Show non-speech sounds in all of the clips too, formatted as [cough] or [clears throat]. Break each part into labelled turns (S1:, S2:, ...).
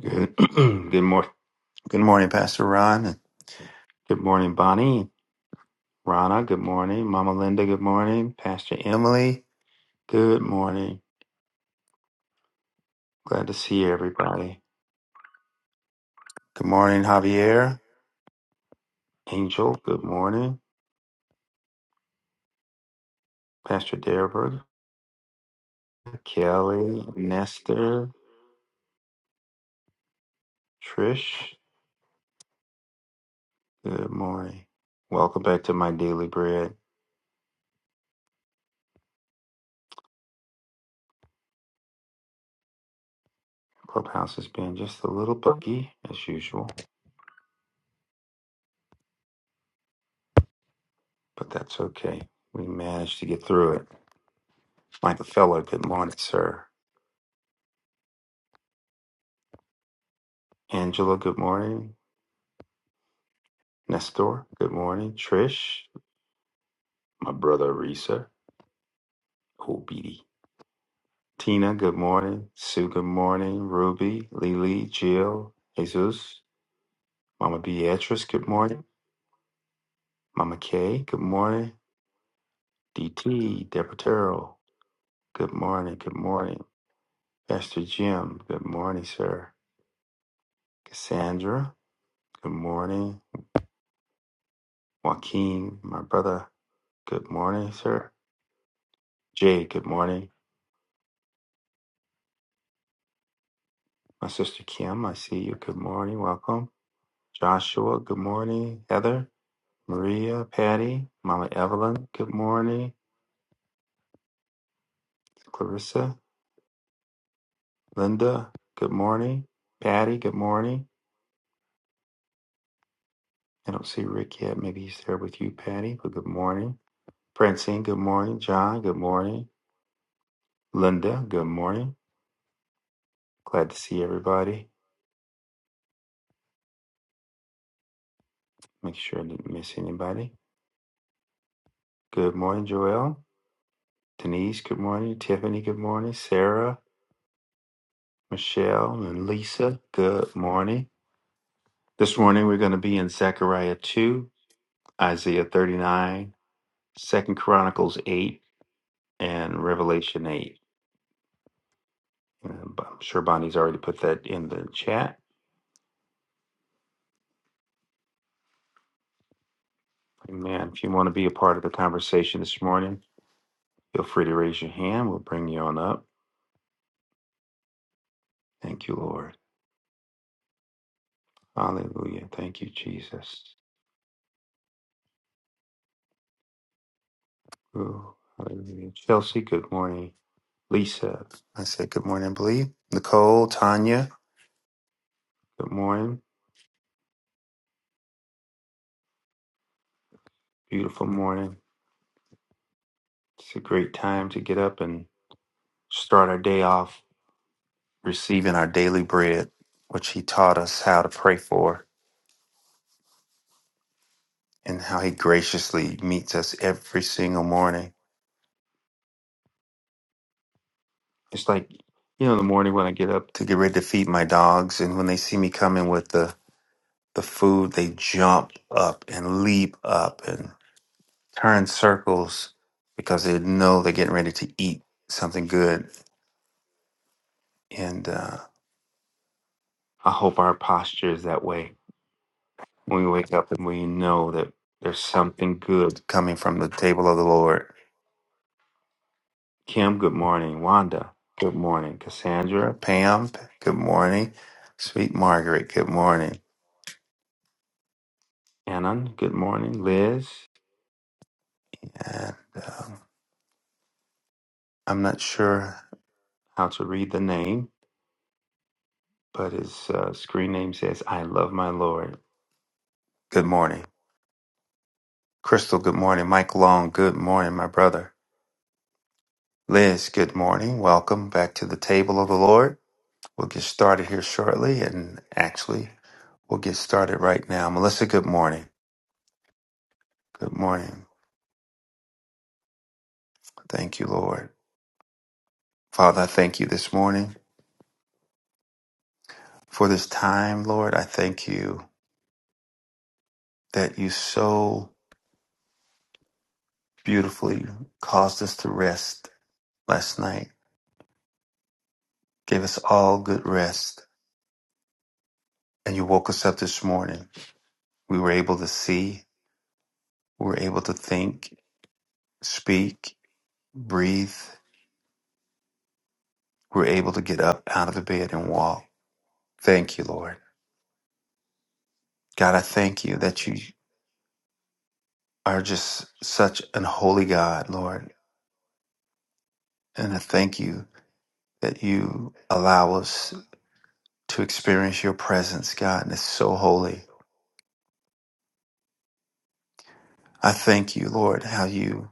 S1: Good. [clears throat] good morning. Good morning, Pastor Ron. and Good morning, Bonnie. Rana, good morning. Mama Linda, good morning. Pastor Emily, good morning. Glad to see everybody. Good morning, Javier. Angel, good morning. Pastor Deborah, Kelly, Nestor, Trish, good morning. Welcome back to my daily bread. Clubhouse has been just a little buggy as usual, but that's okay. We managed to get through it. Michael Feller, good morning, sir. Angela, good morning. Nestor, good morning. Trish, my brother Risa, Obidi. Tina, good morning. Sue, good morning. Ruby, Lily, Jill, Jesus, Mama Beatrice, good morning. Mama Kay, good morning. DT, Deborah Terrell, good morning, good morning. Pastor Jim, good morning, sir. Cassandra, good morning. Joaquin, my brother, good morning, sir. Jay, good morning. My sister Kim, I see you. Good morning. Welcome. Joshua, good morning. Heather, Maria, Patty, Mama Evelyn, good morning. Clarissa, Linda, good morning. Patty, good morning. I don't see Rick yet. Maybe he's there with you, Patty, but good morning. Francine, good morning. John, good morning. Linda, good morning. Glad to see everybody. Make sure I didn't miss anybody. Good morning, Joel. Denise, good morning. Tiffany, good morning. Sarah, Michelle, and Lisa, good morning. This morning we're going to be in Zechariah 2. Isaiah 39, Second Chronicles 8, and Revelation 8. And I'm sure Bonnie's already put that in the chat. Amen. If you want to be a part of the conversation this morning, feel free to raise your hand. We'll bring you on up. Thank you, Lord. Hallelujah. Thank you, Jesus. Ooh, hallelujah. Chelsea, good morning. Lisa, I said good morning, I believe. Nicole, Tanya, good morning. Beautiful morning. It's a great time to get up and start our day off receiving our daily bread, which he taught us how to pray for, and how he graciously meets us every single morning. It's like, you know, the morning when I get up to get ready to feed my dogs, and when they see me coming with the, the food, they jump up and leap up and turn circles because they know they're getting ready to eat something good. And uh, I hope our posture is that way when we wake up and we know that there's something good coming from the table of the Lord Kim, good morning. Wanda, good morning. Cassandra, Pam, good morning. Sweet Margaret, good morning. Annan, good morning. Liz, and um I'm not sure how to read the name, but his uh, screen name says, I love my Lord. Good morning. Crystal, good morning. Mike Long, good morning, my brother. Liz, good morning. Welcome back to the table of the Lord. We'll get started here shortly, and actually, we'll get started right now. Melissa, good morning. Good morning. Thank you, Lord. Father, I thank you this morning for this time, Lord. I thank you that you so beautifully caused us to rest last night, gave us all good rest, and you woke us up this morning. We were able to see, we were able to think, speak, breathe, we were able to get up out of the bed and walk. Thank you, Lord. God, I thank you that you are just such an holy God, Lord. And I thank you that you allow us to experience your presence, God, and it's so holy. I thank you, Lord, how you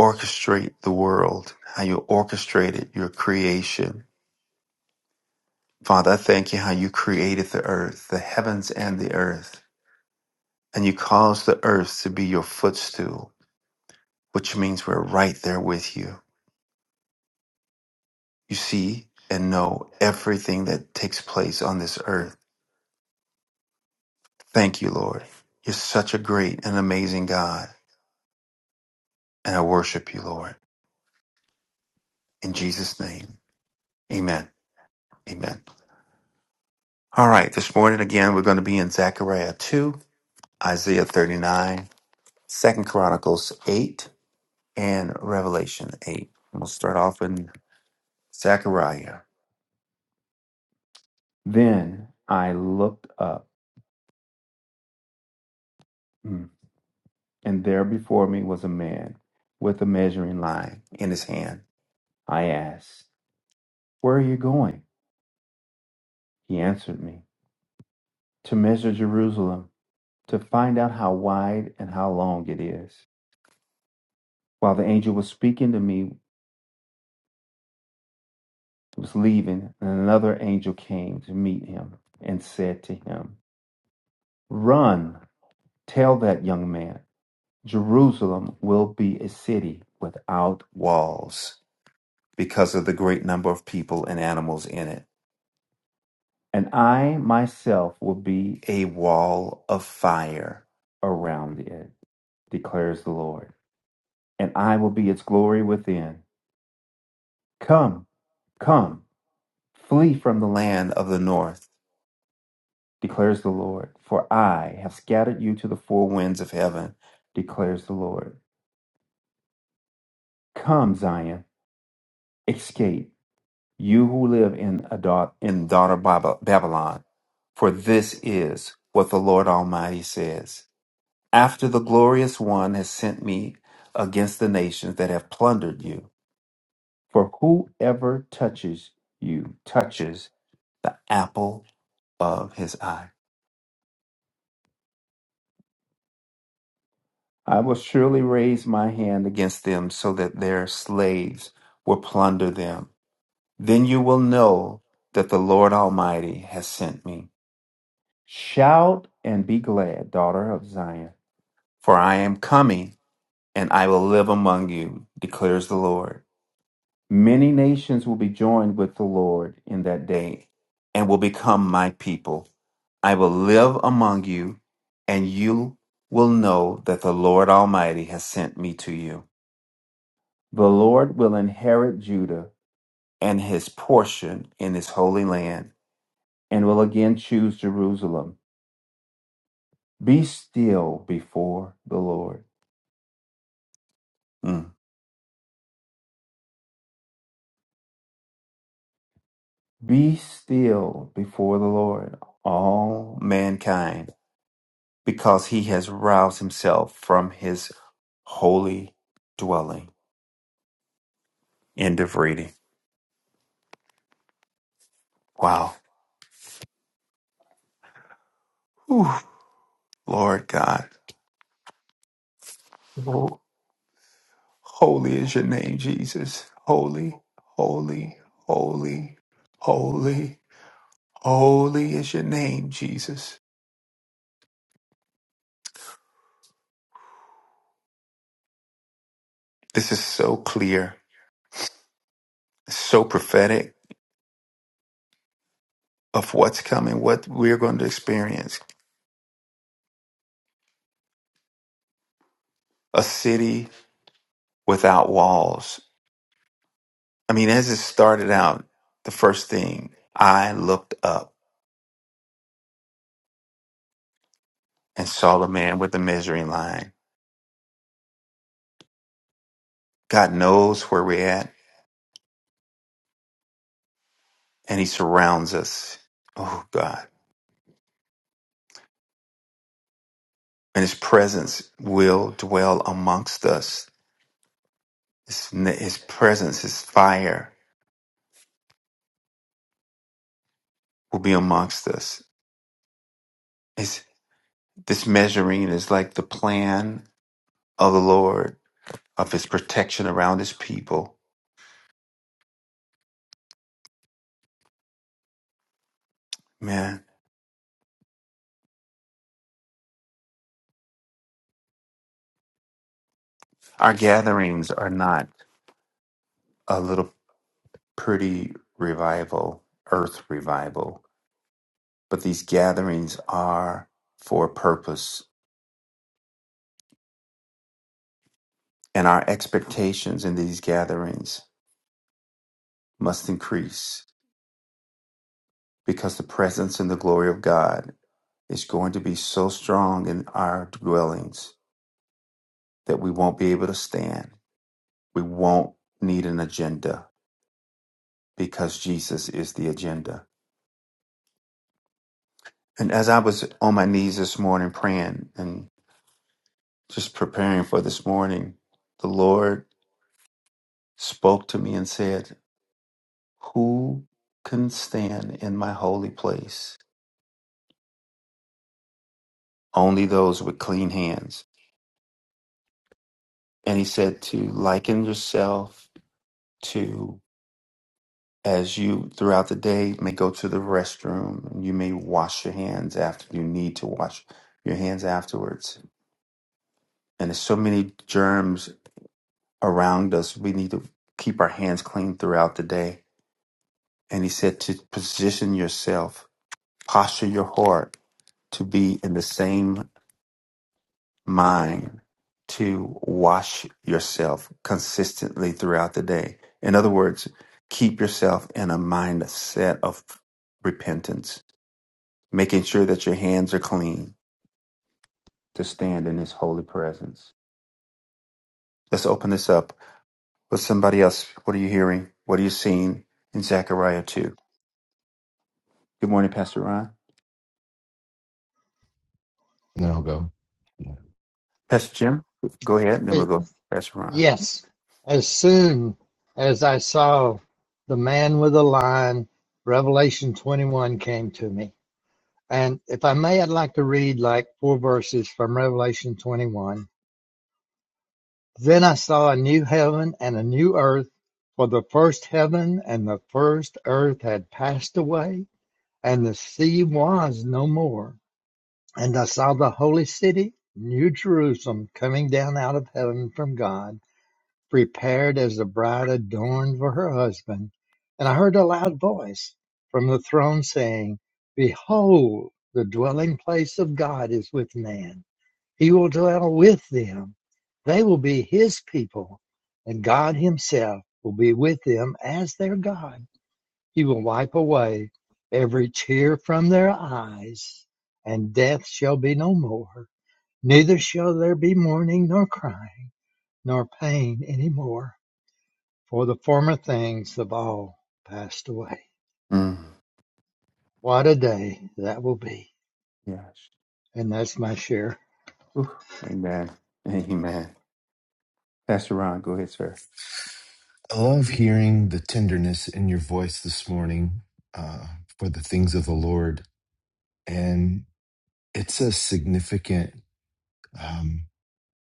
S1: orchestrate the world, how you orchestrated your creation. Father, I thank you how you created the earth, the heavens and the earth, and you caused the earth to be your footstool, which means we're right there with you. You see and know everything that takes place on this earth. Thank you, Lord. You're such a great and amazing God, and I worship you, Lord. In Jesus' name, amen. Amen. All right, this morning again, we're going to be in Zechariah 2, Isaiah 39, Second Chronicles 8, and Revelation 8. And we'll start off in Zechariah. Then I looked up, mm, and there before me was a man with a measuring line in his hand. I asked, Where are you going? He answered me, To measure Jerusalem, to find out how wide and how long it is. While the angel was speaking to me, was leaving, and another angel came to meet him and said to him, Run, tell that young man, Jerusalem will be a city without walls because of the great number of people and animals in it. And I myself will be a wall of fire around it, declares the Lord, and I will be its glory within. Come, come, flee from the land of the north declares the Lord. For I have scattered you to the four winds of heaven, declares the Lord. Come, Zion, escape, you who live in, Adar- in daughter Bab- Babylon. For this is what the Lord Almighty says. After the glorious one has sent me against the nations that have plundered you, for whoever touches you touches the apple of his eye. I will surely raise my hand against them so that their slaves will plunder them. Then you will know that the Lord Almighty has sent me. Shout and be glad, daughter of Zion, for I am coming and I will live among you, declares the Lord. Many nations will be joined with the Lord in that day and will become my people. I will live among you, and you will know that the Lord Almighty has sent me to you. The Lord will inherit Judah and his portion in his holy land, and will again choose Jerusalem. Be still before the Lord. Mm. Be still before the Lord, all mankind, because he has roused himself from his holy dwelling. End of reading. Wow. Whew. Lord God. Oh, holy is your name, Jesus. Holy, holy, holy, holy. Holy is your name, Jesus. This is so clear, so prophetic of what's coming, what we're going to experience. A city without walls. I mean, as it started out, the first thing I looked up and saw the man with the measuring line. God knows where we're at and he surrounds us. Oh, God. And his presence will dwell amongst us. His, his presence, his fire will be amongst us. His This measuring is like the plan of the Lord, of his protection around his people. Man, our gatherings are not a little pretty revival, earth revival, but these gatherings are for a purpose. And our expectations in these gatherings must increase because the presence and the glory of God is going to be so strong in our dwellings that we won't be able to stand. We won't need an agenda because Jesus is the agenda. And as I was on my knees this morning praying and just preparing for this morning, the Lord spoke to me and said, Who can stand in my holy place? Only those with clean hands. And he said to liken yourself to as you throughout the day may go to the restroom and you may wash your hands after you need to wash your hands afterwards. And there's so many germs around us. We need to keep our hands clean throughout the day. And he said to position yourself, posture your heart to be in the same mind to wash yourself consistently throughout the day. In other words, keep yourself in a mindset of repentance, making sure that your hands are clean to stand in his holy presence. Let's open this up with somebody else. What are you hearing? What are you seeing in Zechariah 2? Good morning, Pastor Ron.
S2: and then I'll go. Yeah.
S1: Pastor Jim, go ahead, and then
S3: Eh,
S1: we'll go. Pastor Ron.
S3: Yes, as soon as I saw the man with the line, Revelation 21 came to me. And if I may, I'd like to read like four verses from Revelation 21. Then I saw a new heaven and a new earth, for the first heaven and the first earth had passed away, and the sea was no more. And I saw the holy city, New Jerusalem, coming down out of heaven from God prepared as the bride adorned for her husband. And I heard a loud voice from the throne saying, Behold, the dwelling place of God is with man. He will dwell with them. They will be his people, and God himself will be with them as their God. He will wipe away every tear from their eyes, and death shall be no more. Neither shall there be mourning, nor crying, nor pain any more for the former things have all passed away.
S1: Mm,
S3: What a day that will be.
S1: yes.
S3: And that's my share.
S1: Oof. Amen. Amen. Pastor Ron, go ahead, sir.
S2: I love hearing the tenderness in your voice this morning uh, for the things of the Lord, and it's a significant, um,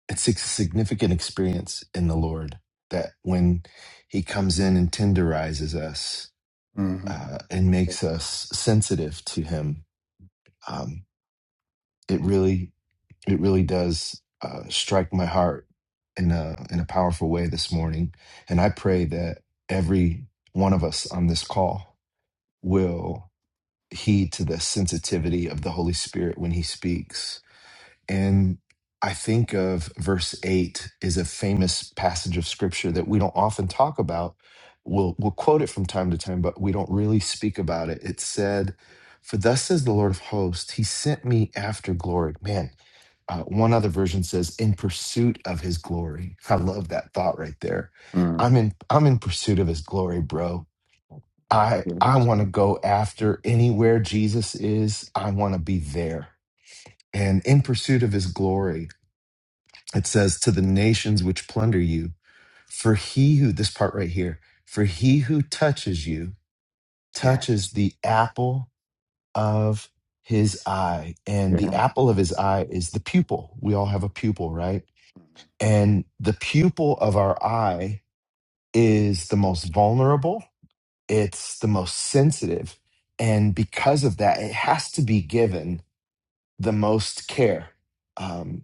S2: it's a significant experience in the Lord that when He comes in and tenderizes us
S1: Mm-hmm.
S2: uh, and makes us sensitive to Him, um, it really It really does uh, strike my heart in a in a powerful way this morning, and I pray that every one of us on this call will heed to the sensitivity of the Holy Spirit when He speaks. And I think of verse eight is a famous passage of Scripture that we don't often talk about. We'll we'll quote it from time to time, but we don't really speak about it. It said, "For thus says the Lord of hosts, He sent me after glory." Man uh, one other version says, "In pursuit of His glory." I love that thought right there.
S1: Mm,
S2: I'm in. I'm in pursuit of His glory, bro. I I
S1: yes.
S2: want to go after anywhere Jesus is. I want to be there. And in pursuit of His glory, it says, "To the nations which plunder you, for He who this part right here, for He who touches you
S1: Yeah.
S2: touches the apple of." His eye, and
S1: Yeah.
S2: the apple of his eye is the pupil. We all have a pupil, right?
S1: Mhm.
S2: And the pupil of our eye is the most vulnerable, it's the most sensitive. And because of that, it has to be given the most care um,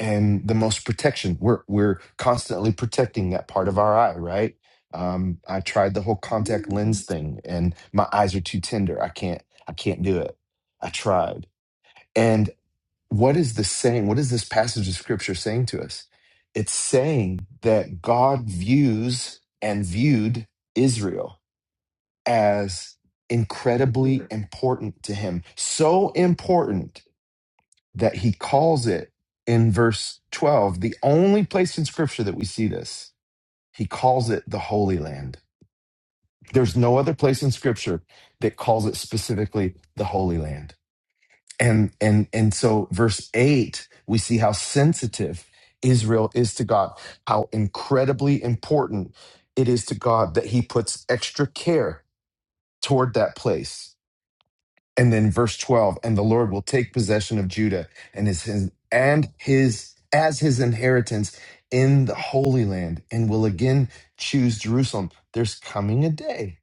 S2: and the most protection. We're, we're constantly protecting that part of our eye, right? Um, I tried the whole contact lens thing and my eyes are too tender. I can't, I can't do it. I tried. and what is this saying? What is this passage of scripture saying to us? It's saying that God views and viewed Israel as incredibly important to him. So important that he calls it in verse 12, the only place in scripture that we see this, he calls it the Holy Land. There's no other place in scripture that calls it specifically the Holy Land and and and so verse 8 we see how sensitive israel is to god how incredibly important it is to god that he puts extra care toward that place and then verse 12 and the lord will take possession of judah and his, his and his as his inheritance in the holy land and will again choose jerusalem there's coming a day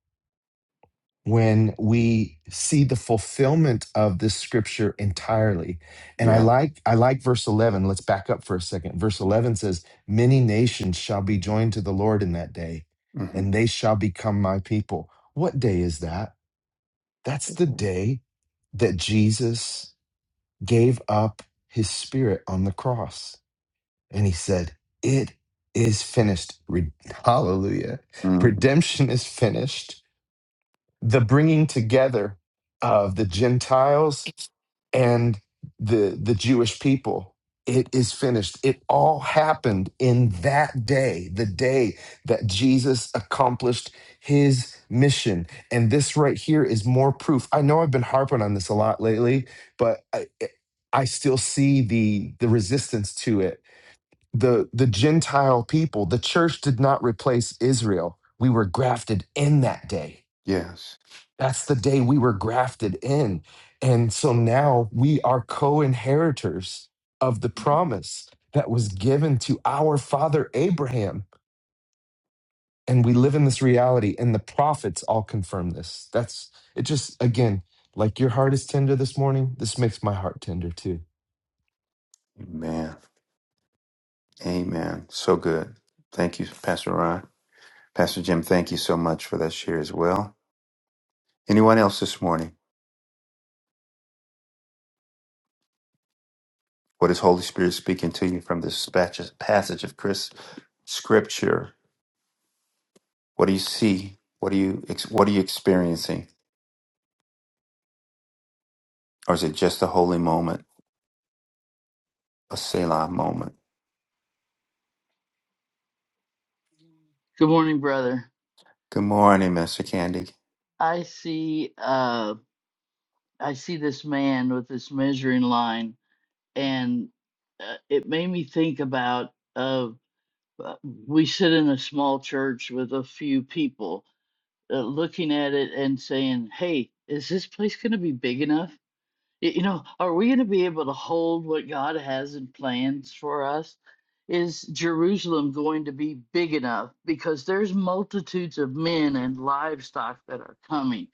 S2: when we see the fulfillment of this scripture entirely and i
S1: Yeah.
S2: like i like verse 11 let's back up for a second verse 11 says many nations shall be joined to the lord in that day
S1: Mm-hmm.
S2: and they shall become my people what day is that that's the day that jesus gave up his spirit on the cross and he said it is finished Re- hallelujah
S1: Mm,
S2: redemption is finished the bringing together of the Gentiles and the the Jewish people. It is finished. It all happened in that day, the day that Jesus accomplished his mission. And this right here is more proof. I know I've been harping on this a lot lately, but I, I still see the the resistance to it. The the Gentile people, the church did not replace Israel. We were grafted in that day
S1: yes.
S2: that's the day we were grafted in. And so now we are co inheritors of the promise that was given to our father Abraham. And we live in this reality, and the prophets all confirm this. That's it, just again, like your heart is tender this morning. This makes my heart tender too.
S1: Amen. Amen. So good. Thank you, Pastor Ron. Pastor Jim, thank you so much for that share as well. Anyone else this morning? What is Holy Spirit speaking to you from this passage passage of Chris Scripture? What do you see? What do you ex- what are you experiencing? Or is it just a holy moment, a Selah moment?
S4: Good morning, brother.
S1: Good morning, Mr. Candy.
S4: I see uh I see this man with this measuring line and uh, it made me think about uh uh, we sit in a small church with a few people uh, looking at it and saying, "Hey, is this place going to be big enough? Y- You know, are we going to be able to hold what God has in plans for us? Is Jerusalem going to be big enough because there's multitudes of men and livestock that are coming?"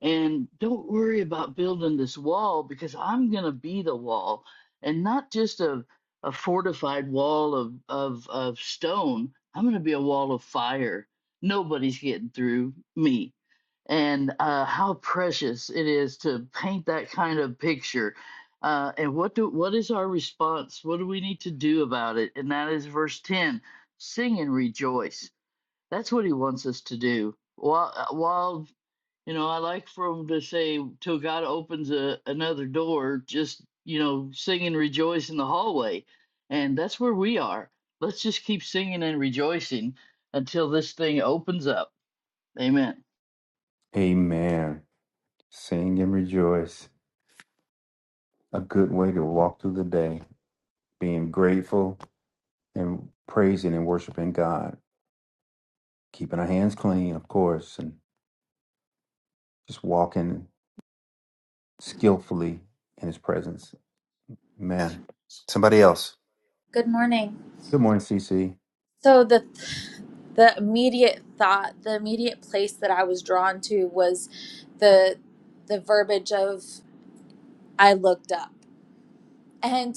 S4: And don't worry about building this wall because I'm going to be the wall and not just a, a fortified wall of, of, of stone. I'm going to be a wall of fire. Nobody's getting through me. And uh, how precious it is to paint that kind of picture. Uh, and what do what is our response? What do we need to do about it? And that is verse 10 sing and rejoice. That's what he wants us to do. While, uh, while you know, I like for them to say, "Till God opens a, another door," just, you know, sing and rejoice in the hallway. And that's where we are. Let's just keep singing and rejoicing until this thing opens up. Amen.
S1: Amen. Sing and rejoice. A good way to walk through the day, being grateful and praising and worshiping God, keeping our hands clean, of course, and just walking skillfully in His presence. Amen. Somebody else.
S5: Good morning.
S1: Good morning, CC.
S5: So the the immediate thought, the immediate place that I was drawn to was the the verbiage of I looked up. And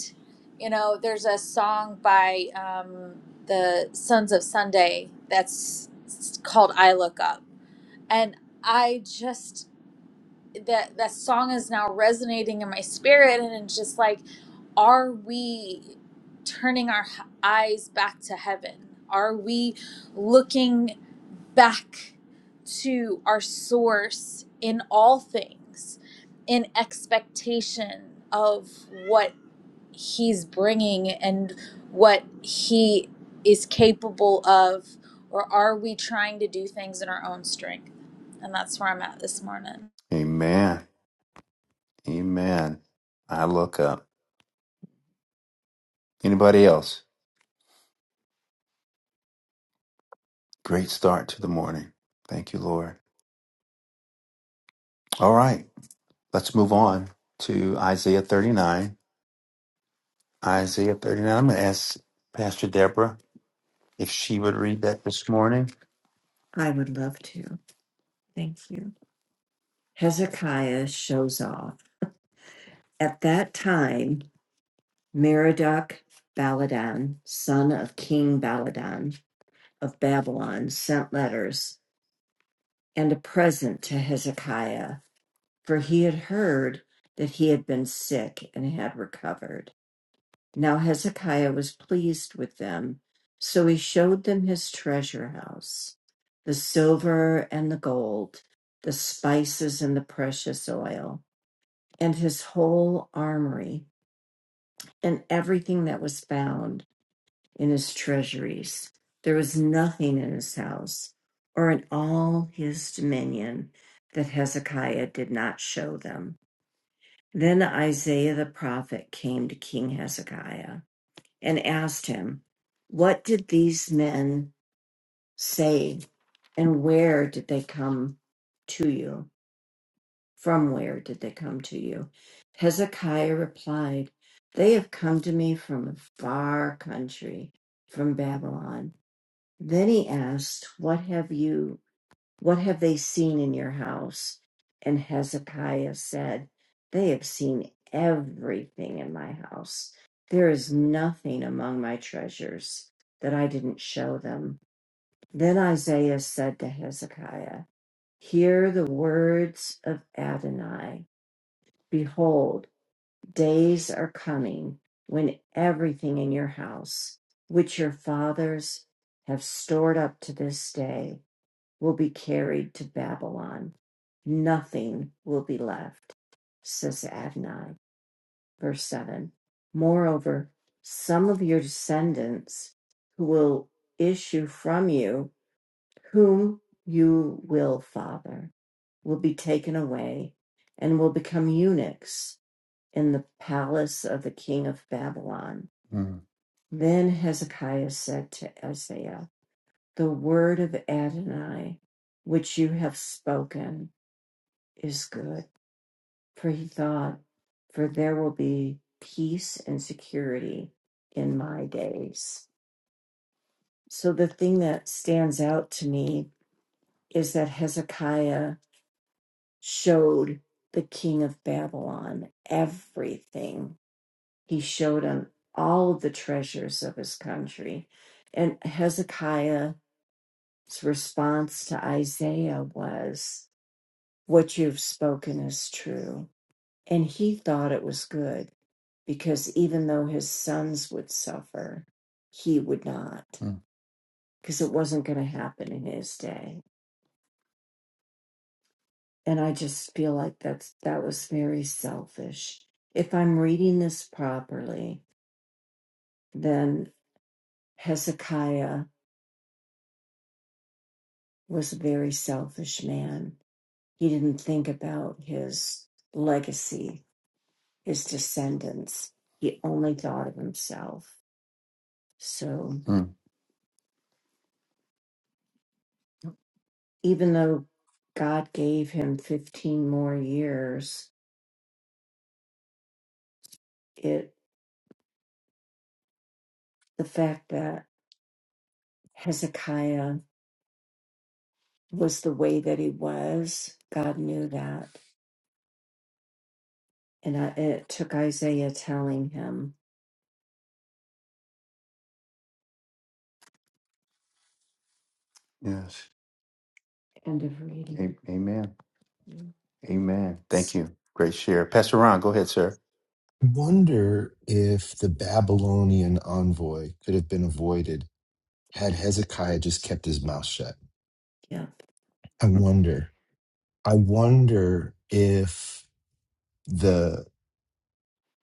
S5: you know, there's a song by um, the Sons of Sunday that's called I Look Up. And I just that that song is now resonating in my spirit and it's just like are we turning our h- eyes back to heaven are we looking back to our source in all things in expectation of what he's bringing and what he is capable of or are we trying to do things in our own strength and that's where i'm at this morning
S1: Amen. Amen. I look up. Anybody else? Great start to the morning. Thank you, Lord. All right, let's move on to Isaiah 39. Isaiah 39. I'm going to ask Pastor Deborah if she would read that this morning. I would love to. Thank you. Hezekiah shows off. At that time, Merodach Baladan, son of King Baladan of Babylon, sent letters and a present to Hezekiah. for he had heard that he had been sick and had recovered. Now Hezekiah was pleased with them, so he showed them his treasure house, the silver and the gold, the spices and the precious oil, and his whole armory, and everything that was found in his treasuries. There was nothing in his house or in all his dominion that Hezekiah did not show them. Then Isaiah the prophet came to King Hezekiah and asked him, What did these men say, and where did they come to you? From where did they come to you? Hezekiah replied, They have come to me from a far country, from Babylon. Then he asked, What have you? What have they seen in your house? And Hezekiah said, They have seen everything in my house. There is nothing among my treasures that I didn't show them. Then Isaiah said to Hezekiah, Hear the words of Adonai. Behold, days are coming when everything in your house, which your fathers have stored up to this day, will be carried to Babylon. Nothing will be left, says Adonai. Verse 7. Moreover, some of your descendants who will issue from you, whom you will father, will be taken away and will become eunuchs in the palace of the king of Babylon. Mm. Then Hezekiah said to Isaiah, the word of Adonai, which you have spoken, is good. For he thought, for there will be peace and security in my days. So the thing that stands out to me is that Hezekiah showed the king of Babylon everything. He showed him all of the treasures of his country. And Hezekiah's response to Isaiah was, What you've spoken is true. And he thought it was good because even though his sons would suffer, he would not Mm. because it wasn't going to happen in his day. And I just feel like that's that was very selfish. If I'm reading this properly, then Hezekiah was a very selfish man. He didn't think about his legacy, his descendants. He only thought of himself So Mm. even though God gave him 15 more years, it the fact that Hezekiah was the way that he was, God knew that. And I, it took Isaiah telling him. Yes. End of reading. A- amen. Mm. Amen. Thank you. Great share. Pastor Ron, go ahead, sir.
S2: Wonder if the Babylonian envoy could have been avoided had Hezekiah just kept his mouth shut.
S1: Yeah.
S2: I wonder. I wonder if the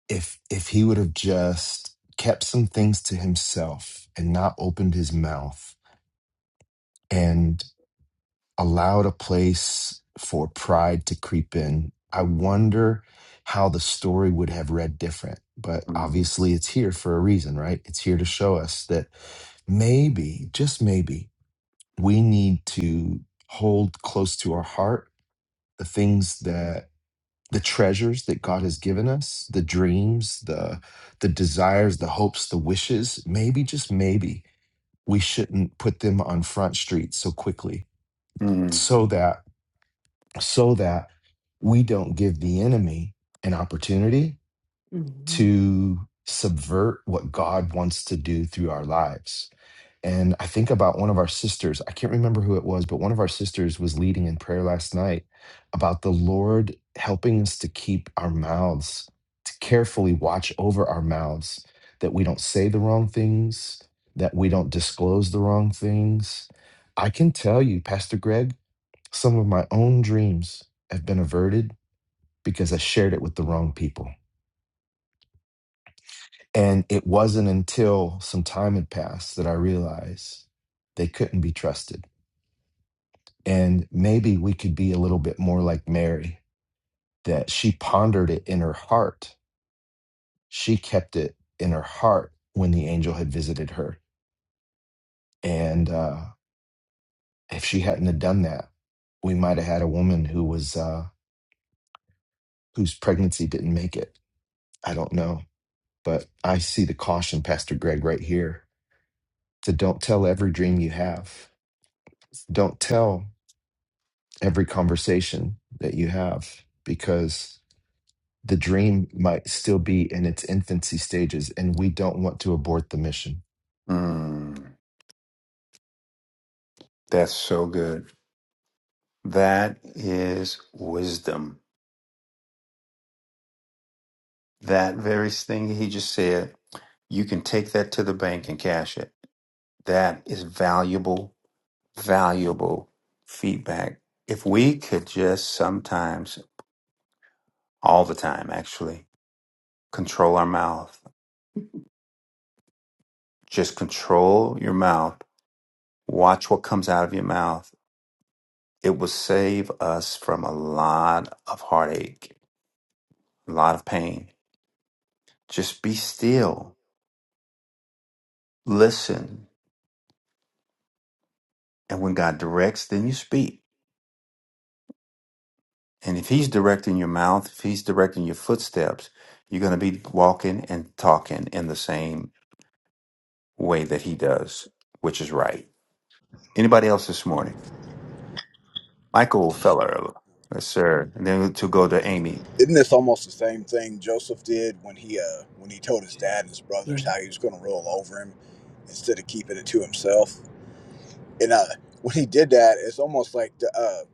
S2: if if he would have just kept some things to himself and not opened his mouth and allowed a place for pride to creep in i wonder how the story would have read different but
S1: Mm.
S2: obviously it's here for a reason right it's here to show us that maybe just maybe we need to hold close to our heart the things that the treasures that God has given us, the dreams, the the desires, the hopes, the wishes, maybe just maybe we shouldn't put them on front street so quickly
S1: Mm.
S2: so that so that we don't give the enemy an opportunity
S1: hmm
S2: to subvert what God wants to do through our lives. And I think about one of our sisters, I can't remember who it was, but one of our sisters was leading in prayer last night about the Lord helping us to keep our mouths, to carefully watch over our mouths, that we don't say the wrong things, that we don't disclose the wrong things. I can tell you, Pastor Greg, some of my own dreams have been averted because I shared it with the wrong people. And it wasn't until some time had passed that I realized they couldn't be trusted. And maybe we could be a little bit more like Mary, that she pondered it in her heart. She kept it in her heart when the angel had visited her. And uh, if she hadn't have done that, we might have had a woman who was uh, whose pregnancy didn't make it. I don't know, but I see the caution, Pastor Greg, right here. To don't tell every dream you have. Don't tell. every conversation that you have because the dream might still be in its infancy stages and we don't want to abort the mission.
S1: Mm. That's so good. That is wisdom. That very thing he just said, you can take that to the bank and cash it. That is valuable, valuable feedback. If we could just sometimes, all the time actually, control our mouth, just control your mouth, watch what comes out of your mouth, it will save us from a lot of heartache, a lot of pain. Just be still, listen, and when God directs, then you speak And if he's directing your mouth, if he's directing your footsteps, you're going to be walking and talking in the same way that he does, which is right. Anybody else this morning? Michael Feller. Yes, sir. And then to go to Amy.
S6: Isn't this almost the same thing Joseph did when he uh, when he told his dad and his
S1: Yeah.
S6: brothers
S1: [laughs]
S6: how he was going to roll over him instead of keeping it to himself? And uh, when he did that, it's almost like the uh,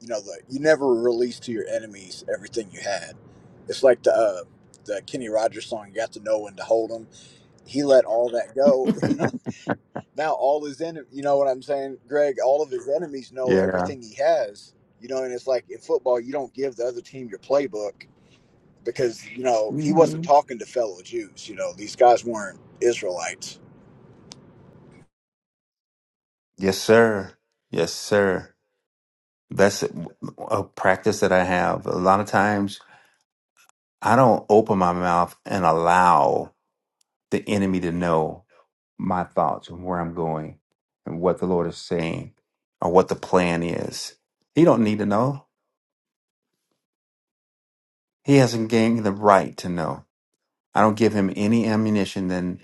S6: you know the you never release to your enemies everything you had. It's like the uh, the Kenny Rogers song. You got to know when to hold them. He let all that go. [laughs] now all his enemies, you know what I'm saying, Greg? All of his enemies know
S1: Yeah.
S6: everything he has. You know, and it's like in football, you don't give the other team your playbook because you know he wasn't
S1: hmm
S6: talking to fellow Jews. You know, these guys weren't Israelites.
S1: Yes, sir. Yes, sir. That's a practice that I have. A lot of times I don't open my mouth and allow. the enemy to know my thoughts and where I'm going and what the Lord is saying or what the plan is. He don't need to know. He hasn't gained the right to know. I don't give him any ammunition than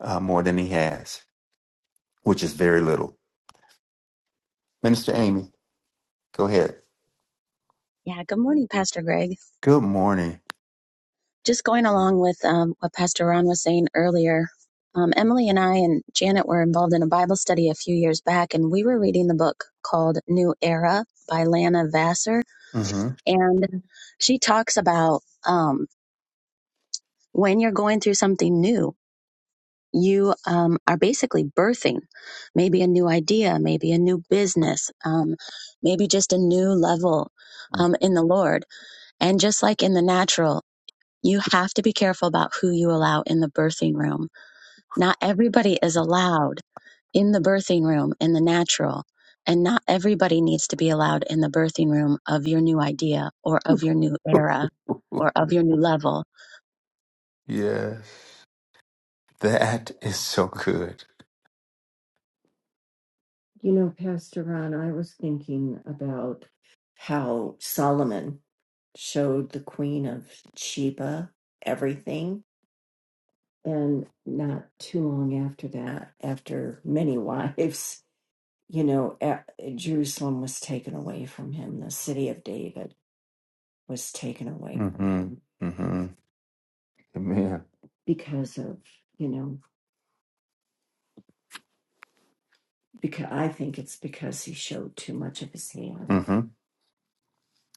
S1: uh, more than he has, which is very little. Minister Amy, go ahead.
S7: Yeah, good morning, Pastor Greg.
S1: Good morning.
S7: Just going along with um, what Pastor Ron was saying earlier, um, Emily and I and Janet were involved in a Bible study a few years back, and we were reading the book called New Era by Lana Vassar.
S1: hmm
S7: And she talks about um, when you're going through something new, you um, are basically birthing maybe a new idea, maybe a new business, um, maybe just a new level um, in the Lord. And just like in the natural, You have to be careful about who you allow in the birthing room. Not everybody is allowed in the birthing room in the natural, and not everybody needs to be allowed in the birthing room of your new idea or of your new
S1: [laughs]
S7: era or of your new level.
S1: yes, that is so good. You know, Pastor Ron, I was thinking about how Solomon showed the Queen of Sheba everything. And not too long after that, after many [laughs] wives, you know, a- Jerusalem was taken away from him. The city of David was taken away from Mm-hmm. him Mm-hmm. Amen. because of, you know, because I think it's because he showed too much of his hand. Mm-hmm.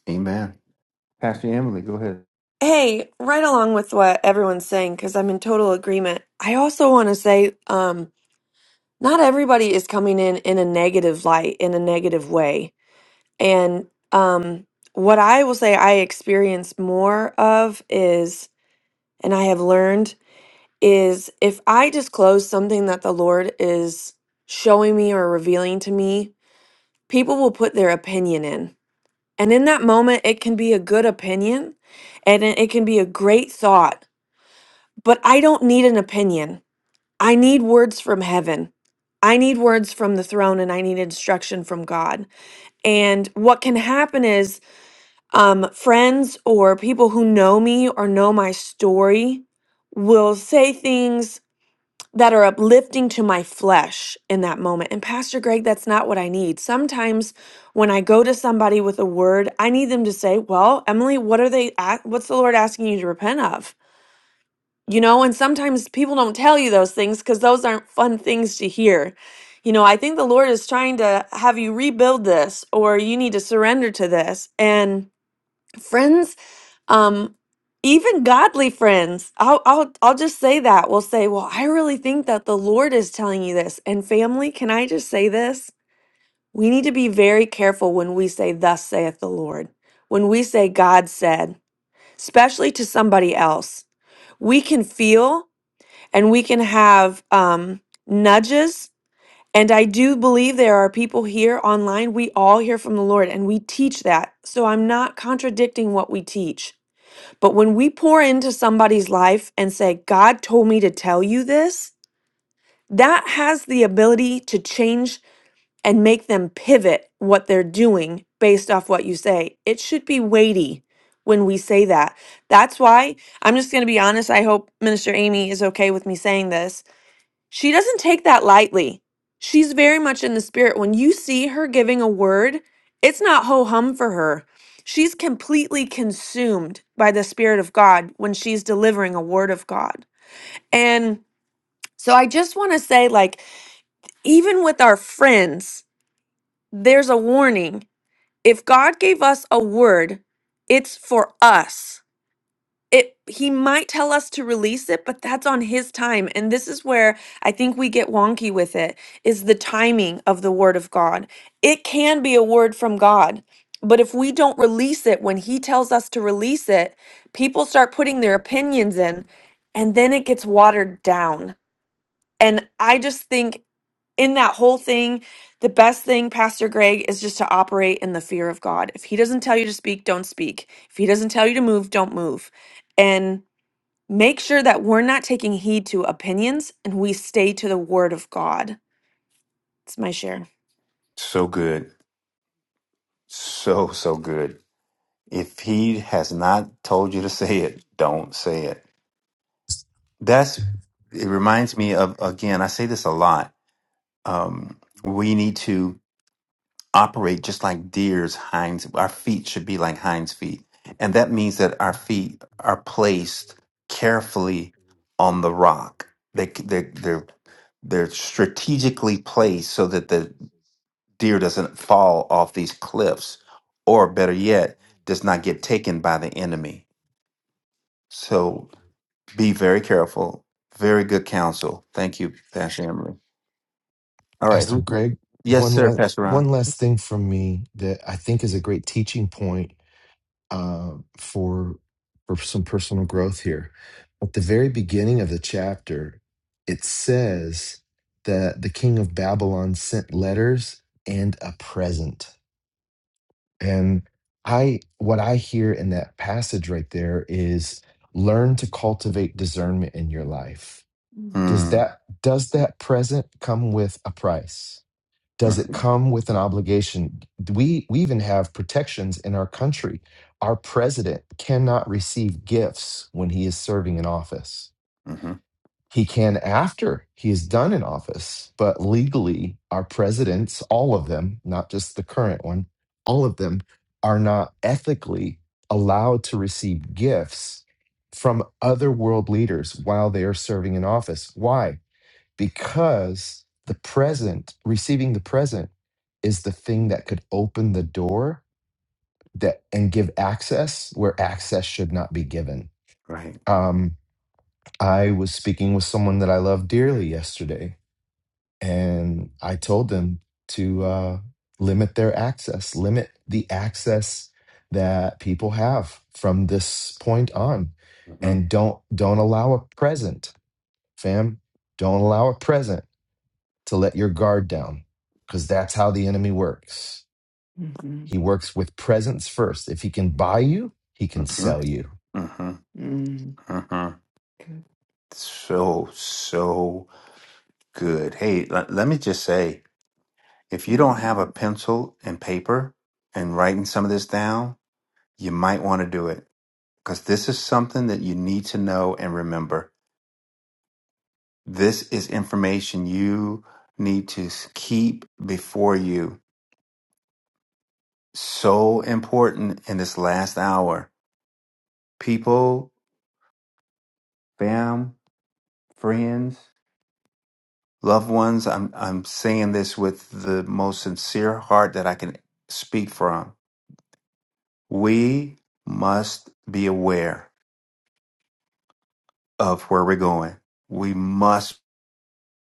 S1: Amen. Pastor Emily, go ahead.
S8: Hey, right along with what everyone's saying, because I'm in total agreement. I also want to say, um, not everybody is coming in in a negative light, in a negative way. And um, what I will say I experience more of is, and I have learned, is if I disclose something that the Lord is showing me or revealing to me, people will put their opinion in. And in that moment, it can be a good opinion and it it can be a great thought But I don't need an opinion. I need words from heaven. I need words from the throne and I need instruction from God. And what can happen is um, friends or people who know me or know my story will say things that are uplifting to my flesh in that moment. And Pastor Greg, that's not what I need. Sometimes when I go to somebody with a word, I need them to say, "Well, Emily, what are they a- what's the Lord asking you to repent of?" You know, and sometimes people don't tell you those things because those aren't fun things to hear. You know, I think the Lord is trying to have you rebuild this or you need to surrender to this. And friends, um, even godly friends, I'll, I'll, I'll just say that. will say, Well, I really think that the Lord is telling you this. And family, can I just say this? We need to be very careful when we say, Thus saith the Lord, when we say, God said, especially to somebody else we can feel and we can have um, nudges. And I do believe there are people here online. We all hear from the Lord and we teach that. So I'm not contradicting what we teach. But when we pour into somebody's life and say, God told me to tell you this, that has the ability to change and make them pivot what they're doing based off what you say. It should be weighty when we say that. That's why I'm just going to be honest. I hope Minister Amy is okay with me saying this she doesn't take that lightly. She's very much in the spirit. When you see her giving a word, it's not ho hum for her. She's completely consumed by the Spirit of God when she's delivering a word of God. And so I just want to say, like, even with our friends, there's a warning. If God gave us a word, it's for us it he might tell us to release it but that's on his time and this is where i think we get wonky with it is the timing of the word of god it can be a word from god but if we don't release it when he tells us to release it people start putting their opinions in and then it gets watered down and i just think in that whole thing the best thing pastor greg is just to operate in the fear of god if he doesn't tell you to speak don't speak if he doesn't tell you to move don't move and Make sure that we're not taking heed to opinions and we stay to the word of God. It's my share.
S1: So good. So, so good. If he has not told you to say it, don't say it. That's it reminds me of again, I say this a lot. Um, we need to operate just like deer's hinds our feet should be like hinds feet. And that means that our feet are placed carefully on the rock. They they they're they're strategically placed so that the deer doesn't fall off these cliffs or better yet does not get taken by the enemy. So Be very careful. Very good counsel. Thank you, Pastor Emily. All right.
S2: Pastor
S1: Who?
S2: Greg,
S1: Yes,
S2: one
S1: sir,
S2: last
S1: Pastor
S2: one
S1: Ron.
S2: last thing from me that I think is a great teaching point uh, for for some personal growth here. At the very beginning of the chapter, it says that the king of Babylon sent letters and a present. And I what I hear in that passage right there is learn to cultivate discernment in your life. Does
S1: Mm,
S2: that does that present come with a price? does it
S1: mm-hmm,
S2: come with an obligation we we even have protections in our country our president cannot receive gifts when he is serving in office
S1: mm-hmm,
S2: he can after he is done in office but legally our presidents all of them not just the current one all of them are not ethically allowed to receive gifts from other world leaders while they are serving in office why because the present, receiving the present, is the thing that could open the door that and give access where access should not be given.
S1: right.
S2: Um, I was speaking with someone that I love dearly yesterday, and I told them to uh, limit their access, limit the access that people have from this point on,
S1: Mm-hmm,
S2: and don't don't allow a present, fam. Don't allow a present to let your guard down because that's how the enemy works.
S1: Mm-hmm.
S2: He works with presence first. If he can buy you, he can
S1: mm-hmm,
S2: sell
S1: mm-hmm,
S2: you.
S1: Mm-hmm. mm-hmm. Good. So, so good. Hey, l- let me just say if you don't have a pencil and paper and writing some of this down, you might want to do it because this is something that you need to know and remember. This is information you need to s- keep before you. So important in this last hour. People, fam, friends, loved ones, I'm, I'm saying this with the most sincere heart that I can speak from. We must be aware of where we're going. We must,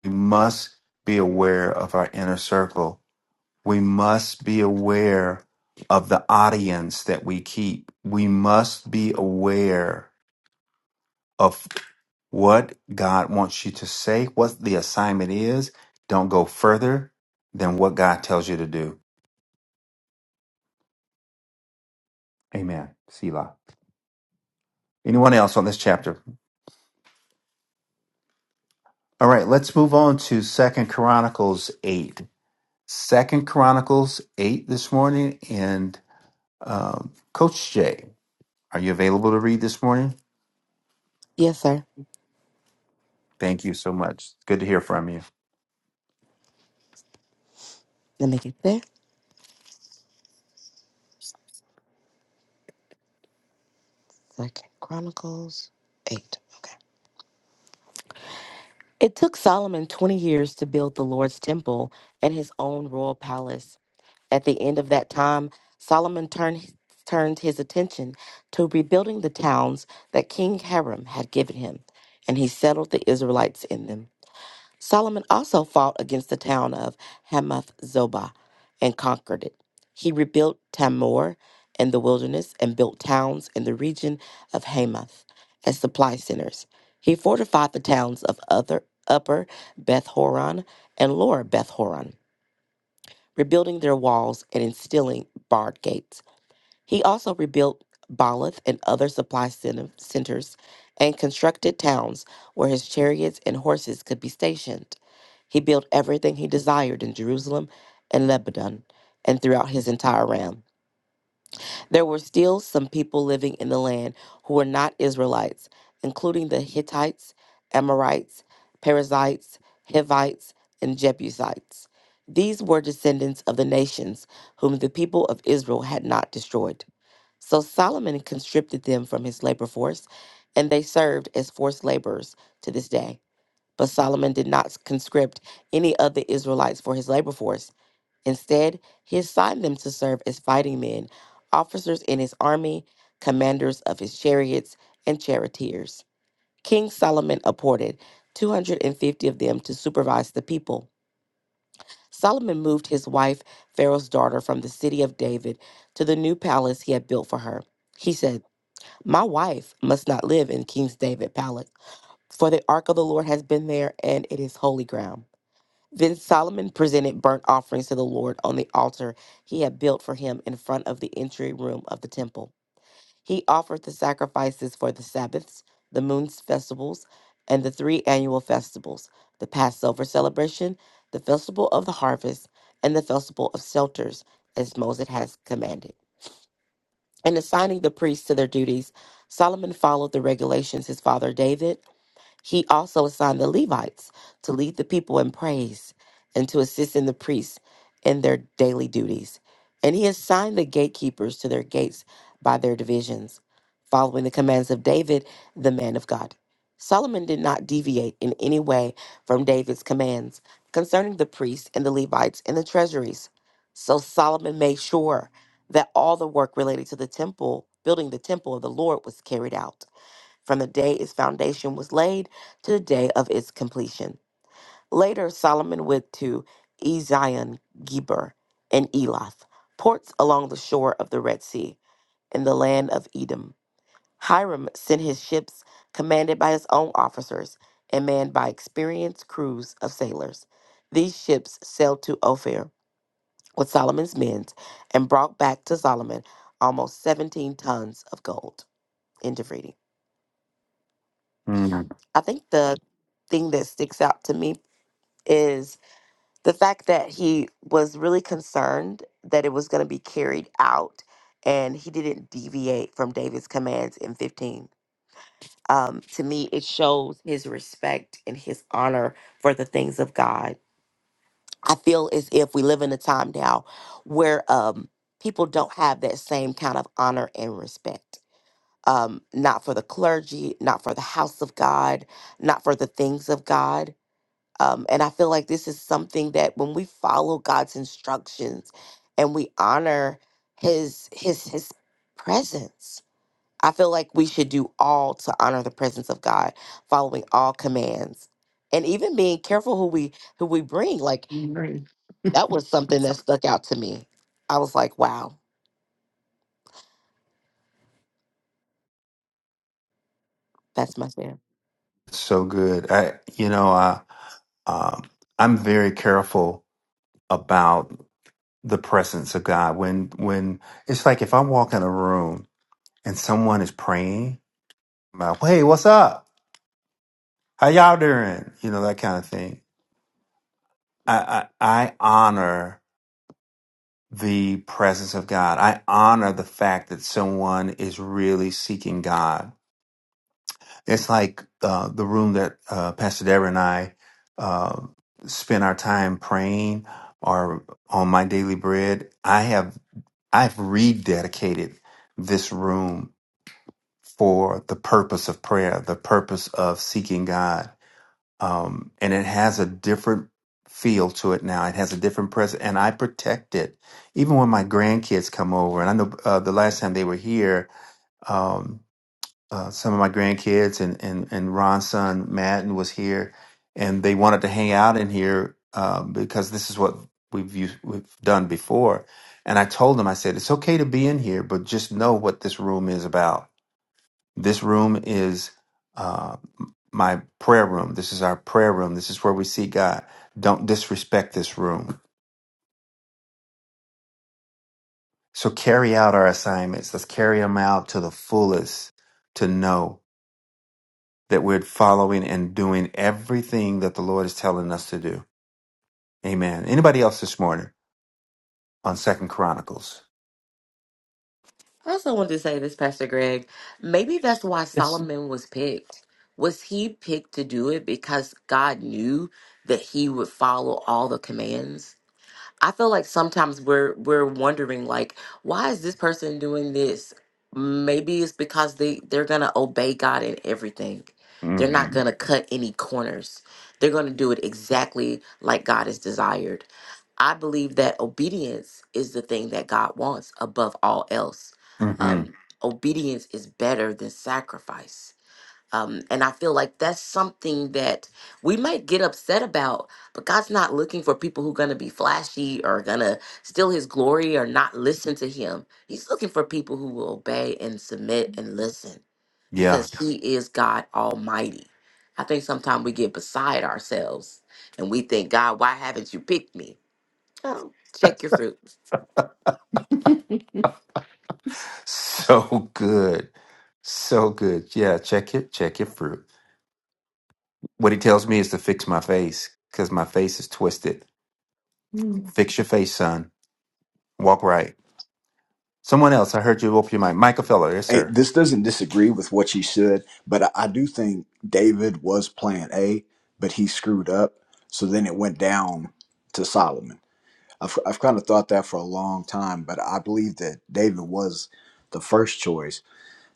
S1: we must be aware of our inner circle we must be aware of the audience that we keep. We must be aware of what God wants you to say, what the assignment is. Don't go further than what God tells you to do. Amen. Selah. Anyone else on this chapter? All right, let's move on to Second Chronicles 8. Second Chronicles 8 this morning. And um, Coach Jay, are you available to read this morning?
S9: Yes, sir.
S1: Thank you so much. Good to hear from you.
S9: Let me get there. Second Chronicles 8. Okay. It took Solomon 20 years to build the Lord's temple and his own royal palace. At the end of that time, Solomon turned, turned his attention to rebuilding the towns that King Hiram had given him, and he settled the Israelites in them. Solomon also fought against the town of Hamath Zobah and conquered it. He rebuilt Tamor in the wilderness and built towns in the region of Hamath as supply centers. He fortified the towns of other, Upper Beth Horon and Lower Beth Horon, rebuilding their walls and instilling barred gates. He also rebuilt Baalath and other supply cen- centers and constructed towns where his chariots and horses could be stationed. He built everything he desired in Jerusalem and Lebanon and throughout his entire realm. There were still some people living in the land who were not Israelites, including the Hittites, Amorites, Perizzites, Hivites, and Jebusites. These were descendants of the nations whom the people of Israel had not destroyed. So Solomon conscripted them from his labor force, and they served as forced laborers to this day. But Solomon did not conscript any of the Israelites for his labor force. Instead, he assigned them to serve as fighting men, officers in his army, commanders of his chariots, and charioteers. King Solomon appointed 250 of them to supervise the people. Solomon moved his wife, Pharaoh's daughter, from the city of David to the new palace he had built for her. He says, my wife must not live in King's David Palace, for the ark of the Lord has been there, and it is holy ground. Then Solomon presented burnt offerings to the Lord on the altar he had built for him in front of the entry room of the temple. He offered the sacrifices for the Sabbaths, the moon's festivals, and the three annual festivals the Passover celebration, the festival of the harvest, and the festival of shelters, as Moses has commanded. In assigning the priests to their duties, Solomon followed the regulations his father David he also assigned the Levites to lead the people in praise and to assist in the priests in their daily duties. And he assigned the gatekeepers to their gates by their divisions, following the commands of David, the man of God. Solomon did not deviate in any way from David's commands concerning the priests and the Levites and the treasuries. So Solomon made sure that all the work related to the temple, building the temple of the Lord, was carried out from the day its foundation was laid to the day of its completion. Later, Solomon went to Ezion Geber and Elath, ports along the shore of the Red Sea, in the land of Edom. Hiram sent his ships, commanded by his own officers and manned by experienced crews of sailors. These ships sailed to Ophir with Solomon's men and brought back to Solomon almost 17 tons of gold. End of reading.
S1: Mm-hmm.
S9: I think the thing that sticks out to me is the fact that he was really concerned that it was going to be carried out and he didn't deviate from David's commands in 15. Um, to me, it shows his respect and his honor for the things of God. I feel as if we live in a time now where um, people don't have that same kind of honor and respect. Um, not for the clergy, not for the house of God, not for the things of God Um, and I feel like this is something that when we follow God's instructions and we honor his his his presence, I feel like we should do all to honor the presence of God, following all commands. And even being careful who we who we bring. Like
S1: I agree.
S9: that was something that stuck out to me. I was like, wow, that's my share.
S1: so good. I, you know, I, um, I'm very careful about the presence of God. When, when it's like if I walk in a room and someone is praying, I'm like, hey, what's up? How y'all doing? You know, that kind of thing. I, I, I honor the presence of God. I honor the fact that someone is really seeking God It's like uh, the room that uh, Pastor Deborah and I uh, spend our time praying, or on my daily bread. I have I've rededicated this room for the purpose of prayer, the purpose of seeking God, um, and it has a different feel to it now. It has a different presence, and I protect it. Even when my grandkids come over, and I know uh, the last time they were here. Um, uh, some of my grandkids and and and Ron's son Madden was here, and they wanted to hang out in here uh, because this is what we've used, we've done before. And I told them, I said, it's okay to be in here, but just know what this room is about. This room is uh, m- my prayer room. This is our prayer room. This is where we see God. Don't disrespect this room. So carry out our assignments. Let's carry them out to the fullest to know. that we're following and doing everything that the Lord is telling us to do. Amen. Anybody else this morning on Second Chronicles?
S9: I also wanted to say this, Pastor Greg. Maybe that's why
S1: Yes.
S9: Solomon was picked. Was he picked to do it because God knew that he would follow all the commands? I feel like sometimes we're we're wondering like, why is this person doing this? Maybe it's because they they're gonna obey God in everything. They're not
S1: hmm
S9: gonna cut any corners. They're gonna do it exactly like God is desired. I believe that obedience is the thing that God wants above all else.
S1: hmm
S9: Um, obedience is better than sacrifice. Um, and I feel like that's something that we might get upset about, but God's not looking for people who are going to be flashy or going to steal his glory or not listen to him. He's looking for people who will obey and submit and listen
S1: Yeah.
S9: because
S1: [laughs]
S9: he is God Almighty. I think sometimes we get beside ourselves and we think, God, why haven't you picked me? Oh, Check your fruit.
S1: So good. So good. Yeah. Check it. Check your fruit. What he tells me is to fix my face because my face is twisted. Mm. Fix your face, son. Walk right. Someone else. I heard you open your mic, Michael Feller. Yes,
S6: Hey,
S1: sir.
S6: this doesn't disagree with what you said, but I, I do think David was plan A, but he screwed up. So then it went down to Solomon. I've, I've kind of thought that for a long time, but I believe that David was the first choice.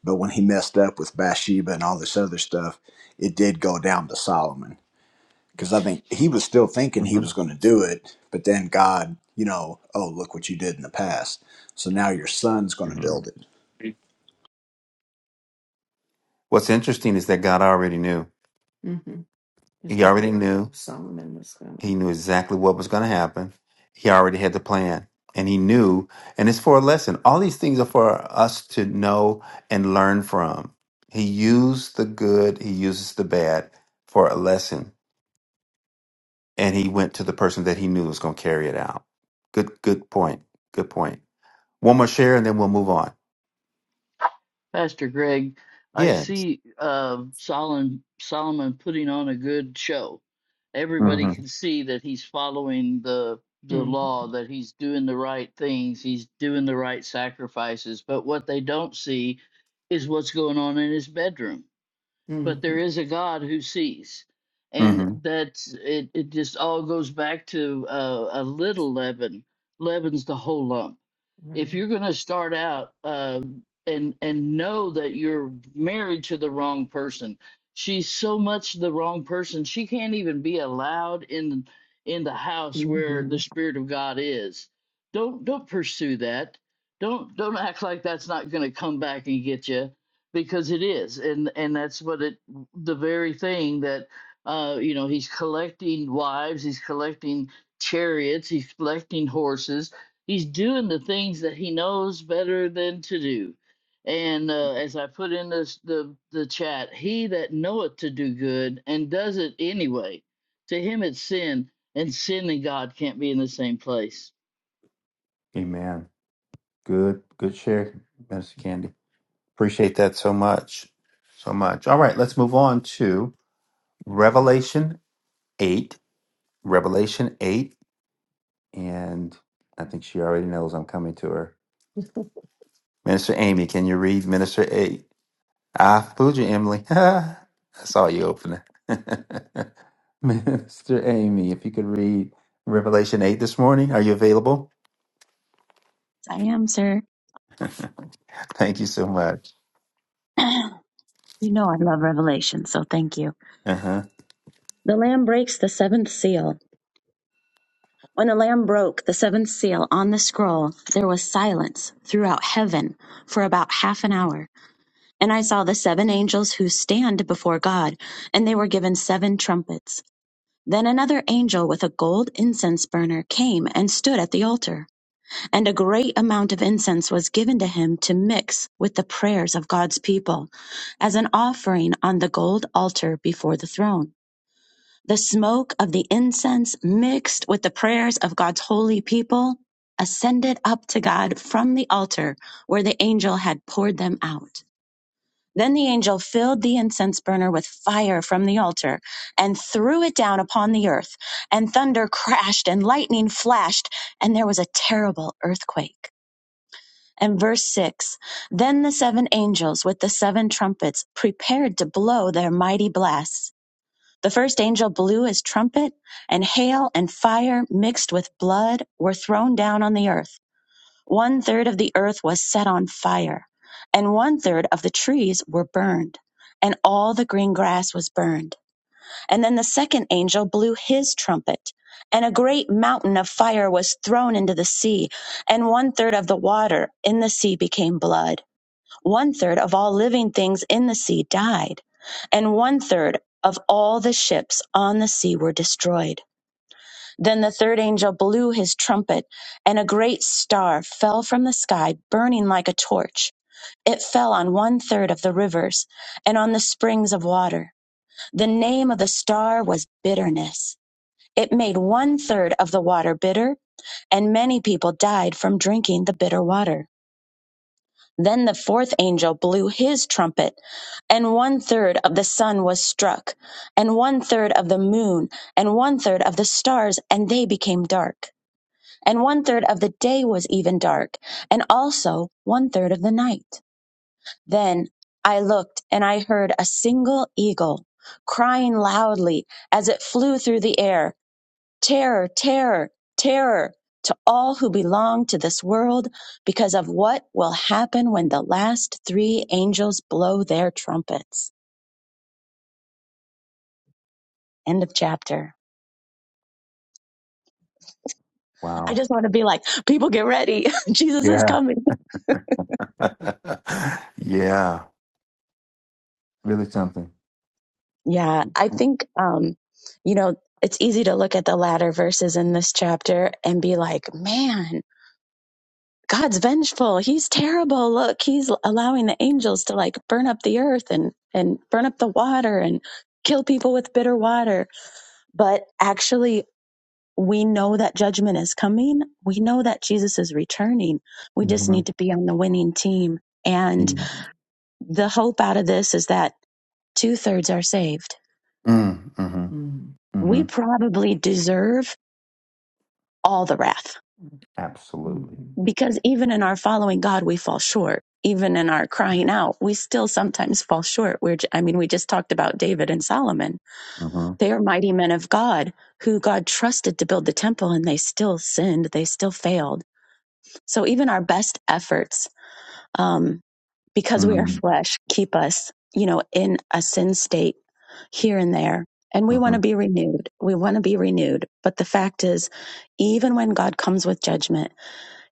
S6: But when he messed up with Bathsheba and all this other stuff, it did go down to Solomon. because I think he was still thinking he
S1: hmm
S6: was going to do it, but then God, you know, oh, look what you did in the past. So now your son's going to build
S1: hmm
S6: it.
S1: What's interesting is that God already knew. It's He like already Solomon. knew. Solomon was going to. He knew exactly what was going to happen. He already had the plan. And he knew, and it's for a lesson. All these things are for us to know and learn from. He used the good, he uses the bad for a lesson. And he went to the person that he knew was going to carry it out. Good, good point. Good point. One more share and then we'll move on.
S4: Pastor Greg, I
S1: Yes.
S4: see uh, Solomon Solomon putting on a good show. Everybody
S1: Mm-hmm.
S4: can see that he's following the the
S1: Mm-hmm.
S4: law, that he's doing the right things, he's doing the right sacrifices. But what they don't see is what's going on in his bedroom. But there is a God who sees, and
S1: Mm-hmm.
S4: that's it. It just all goes back to uh, a little leaven leavens the whole lump if
S1: Right.
S4: you're going to start out um, and and know that you're married to the wrong person she's so much the wrong person she can't even be allowed in in the house where
S1: Mm-hmm.
S4: the spirit of god is don't don't pursue that don't don't act like that's not going to come back and get you because it is and and that's what it the very thing that uh you know he's collecting wives he's collecting chariots he's collecting horses he's doing the things that he knows better than to do. And uh, as I put in this, the the chat, he that knoweth to do good and does it anyway, to him it's sin, and sin and God can't be in the same place.
S1: Amen. Good, good share, Miss Candy. Appreciate that so much. So much. All right, let's move on to Revelation 8. Revelation 8. And I think she already knows I'm coming to her. Minister Amy, can you read Minister 8? Ah, fooled you, Emily. [laughs] I saw you open it. [laughs] Minister Amy, if you could read Revelation 8 this morning, are you available?
S7: Yes, I am, sir.
S1: Thank you so much.
S7: [clears throat] you know I love revelation, so thank you.
S1: Uh huh.
S7: The lamb breaks the seventh seal. When the lamb broke the seventh seal on the scroll, there was silence throughout heaven for about half an hour. And I saw the seven angels who stand before God, and they were given seven trumpets. Then another angel with a gold incense burner came and stood at the altar, and a great amount of incense was given to him to mix with the prayers of God's people as an offering on the gold altar before the throne. The smoke of the incense mixed with the prayers of God's holy people ascended up to God from the altar where the angel had poured them out. Then the angel filled the incense burner with fire from the altar and threw it down upon the earth, and thunder crashed and lightning flashed, and there was a terrible earthquake. And verse 6 Then the seven angels with the seven trumpets prepared to blow their mighty blasts. The first angel blew his trumpet, and hail and fire mixed with blood were thrown down on the earth one third of the earth was set on fire, and one third of the trees were burned, and all the green grass was burned. And then the second angel blew his trumpet, and a great mountain of fire was thrown into the sea, and one third of the water in the sea became blood. One third of all living things in the sea died, and one third of all the ships on the sea were destroyed. Then the third angel blew his trumpet, and a great star fell from the sky, burning like a torch. It fell on one third of the rivers and on the springs of water. The name of the star was bitterness. It made one third of the water bitter, and many people died from drinking the bitter water. Then the fourth angel blew his trumpet, and one third of the sun was struck, and one third of the moon, and one third of the stars, and they became dark and one third of the day was even dark, and also one third of the night. Then I looked, and I heard a single eagle crying loudly as it flew through the air, Terror, terror, terror to all who belong to this world because of what will happen when the last three angels blow their trumpets. End of chapter. I
S1: Wow.
S7: just want to be like, people get ready. [laughs] Jesus is
S1: Yeah.
S7: coming.
S1: [laughs] yeah. Really something.
S7: Yeah, I think, um, you know, it's easy to look at the latter verses in this chapter and be like, man, God's vengeful. He's terrible. Look, he's allowing the angels to like burn up the earth and, and burn up the water and kill people with bitter water. But actually, we know that judgment is coming. We know that Jesus is returning. We just
S1: Mm-hmm.
S7: need to be on the winning team. And
S1: Mm-hmm.
S7: the hope out of this is that two thirds are saved.
S1: Mm-hmm. Mm-hmm.
S7: We probably deserve all the wrath.
S1: Absolutely.
S7: Because even in our following God, we fall short. Even in our crying out, we still sometimes fall short. We're, j- I mean, we just talked about David and Solomon.
S1: Mm-hmm.
S7: They are mighty men of God who God trusted to build the temple and they still sinned. They still failed. So even our best efforts, um, because we are
S1: Mm-hmm.
S7: flesh, keep us, you know, in a sin state here and there. And we want
S1: Mm-hmm.
S7: to be renewed. We want to be renewed. But the fact is, even when God comes with judgment,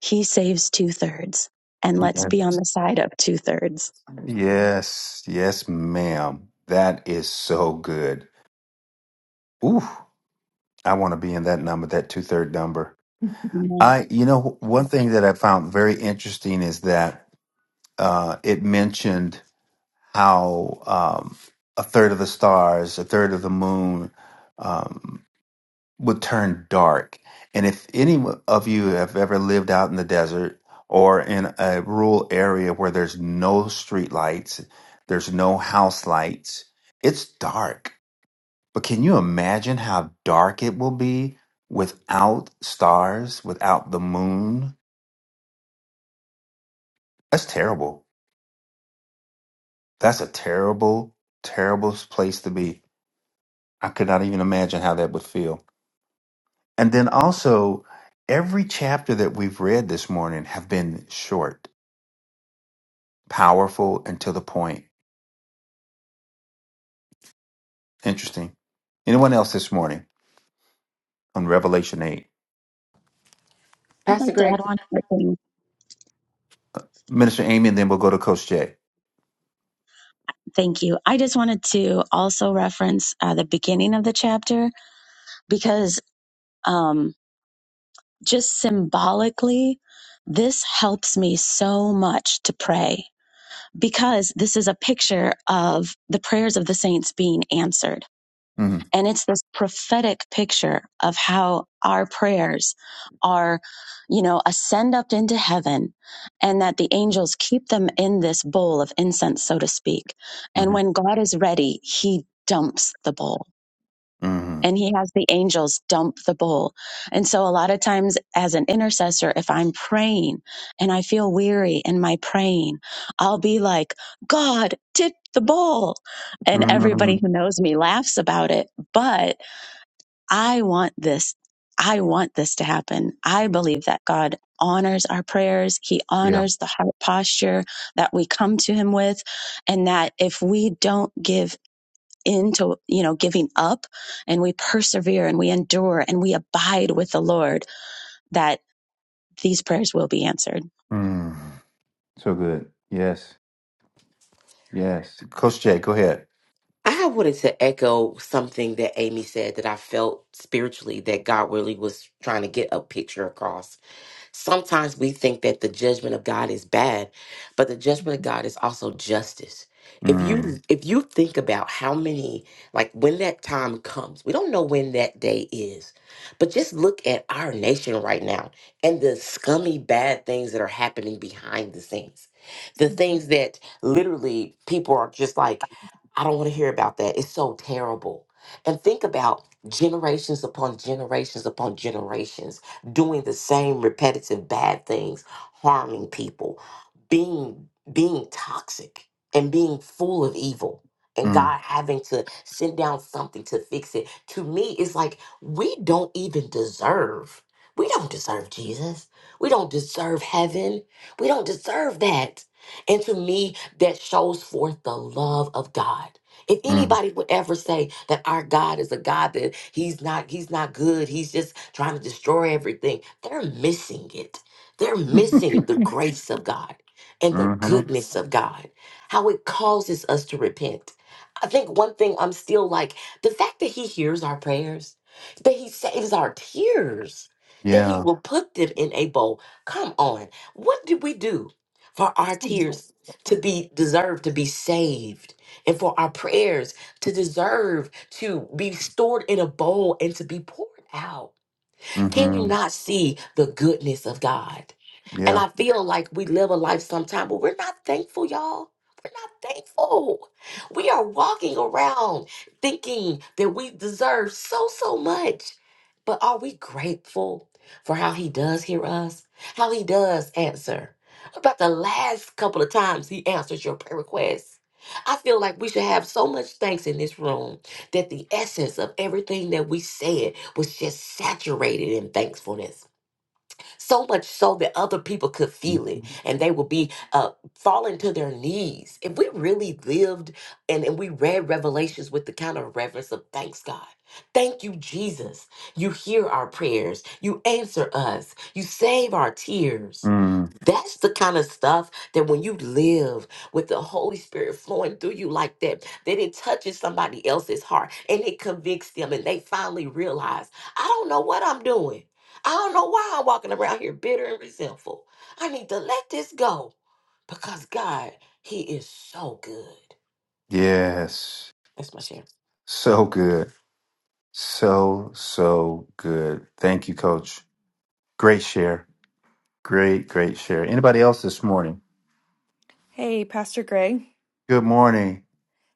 S7: He saves two thirds. And let's be on
S1: Yes.
S7: the side of two thirds.
S1: Yes, yes, ma'am. That is so good. Ooh. I want to be in that number, that two third number. [laughs]
S7: Amen.
S1: I, you know, one thing that I found very interesting is that uh, it mentioned how um, a third of the stars, a third of the moon um, would turn dark. And if any of you have ever lived out in the desert or in a rural area where there's no street lights, there's no house lights, it's dark but can you imagine how dark it will be without stars, without the moon? That's terrible. That's a terrible, terrible place to be. I could not even imagine how that would feel. And then also, every chapter that we've read this morning have been short, powerful, and to the point. Interesting. Anyone else this morning on Revelation 8?
S7: I'd
S9: Pastor
S7: like to add
S9: Greg.
S7: one more thing.
S1: Minister Amy, and then we'll go to Coach Jay.
S7: Thank you. I just wanted to also reference uh, the beginning of the chapter because um, just symbolically, this helps me so much to pray because this is a picture of the prayers of the saints being answered
S1: hmm
S7: And it's this prophetic picture of how our prayers are, you know, ascend up into heaven and that the angels keep them in this bowl of incense, so to speak. And
S1: hmm
S7: when God is ready, he dumps the bowl
S1: hmm
S7: and he has the angels dump the bowl. And so a lot of times as an intercessor, if I'm praying and I feel weary in my praying, I'll be like, God, tip the bowl. And
S1: hmm
S7: everybody who knows me laughs about it. But I want this. I want this to happen. I believe that God honors our prayers. He
S1: Yeah.
S7: honors the heart posture that we come to him with. And that if we don't give into, you know, giving up and we persevere and we endure and we abide with the Lord, that these prayers will be answered.
S1: Mm. So good. Yes. Yes. Coach Jay, go ahead.
S9: I wanted to echo something that Amy said that I felt spiritually that God really was trying to get a picture across Sometimes we think that the judgment of God is bad, but the judgment of God is also justice. If
S1: Mm.
S9: you if you think about how many like when that time comes, we don't know when that day is. But just look at our nation right now and the scummy bad things that are happening behind the scenes. The things that literally people are just like I don't want to hear about that. It's so terrible. And think about generations upon generations upon generations doing the same repetitive bad things, harming people, being being toxic and being full of evil. And
S1: Mm.
S9: God having to send down something to fix it. To me, it's like we don't even deserve. We don't deserve Jesus. We don't deserve heaven. We don't deserve that. And to me, that shows forth the love of God if
S1: Mm.
S9: anybody would ever say that our God is a God that he's not he's not good, he's just trying to destroy everything, they're missing it. They're
S1: [laughs]
S9: missing the grace of God and the
S1: hmm
S9: goodness of God. How it causes us to repent. I think one thing I'm still like the fact that he hears our prayers, that he saves our tears, that he
S1: Yeah.
S9: will put them in a bowl. Come on. What did we do for our tears to be deserved to be saved? and for our prayers to deserve to be stored in a bowl and to be poured out. Can
S1: hmm
S9: you not see the goodness of God? And
S1: Yeah.
S9: I feel like we live a life sometime, but we're not thankful, y'all. We're not thankful. We are walking around thinking that we deserve so, so much. But are we grateful for how he does hear us? How he does answer? About the last couple of times he answers your prayer requests. I feel like we should have so much thanks in this room that the essence of everything that we said was just saturated in thankfulness so much so that other people could feel it and they would be uh, falling to their knees. If we really lived and, and we read Revelations with the kind of reverence of thanks, God. Thank you, Jesus. You hear our prayers. You answer us. You save our tears.
S1: Mm.
S9: That's the kind of stuff that when you live with the Holy Spirit flowing through you like that, that it touches somebody else's heart and it convicts them and they finally realize, I don't know what I'm doing. I don't know why I'm walking around here bitter and resentful. I need to let this go because God, He is so good.
S1: Yes.
S9: That's my share.
S1: So good. So, so good. Thank you, Coach. Great share. Great, great share. Anybody else this morning?
S8: Hey, Pastor Greg.
S1: Good morning.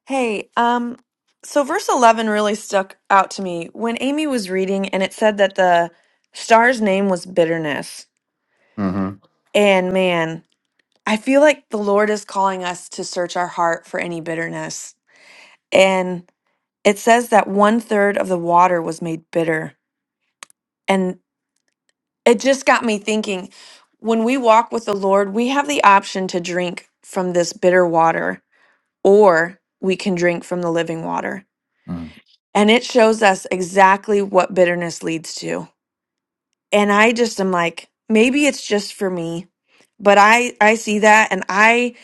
S8: Hey, um so verse 11 really stuck out to me when Amy was reading and it said that the star's name was bitterness.
S1: Mm-hmm.
S8: And man, I feel like the Lord is calling us to search our heart for any bitterness. And it says that one third of the water was made bitter. And it just got me thinking when we walk with the Lord, we have the option to drink from this bitter water or we can drink from the living water.
S1: Mm.
S8: And it shows us exactly what bitterness leads to. And I just am like, maybe it's just for me, but I I see that and I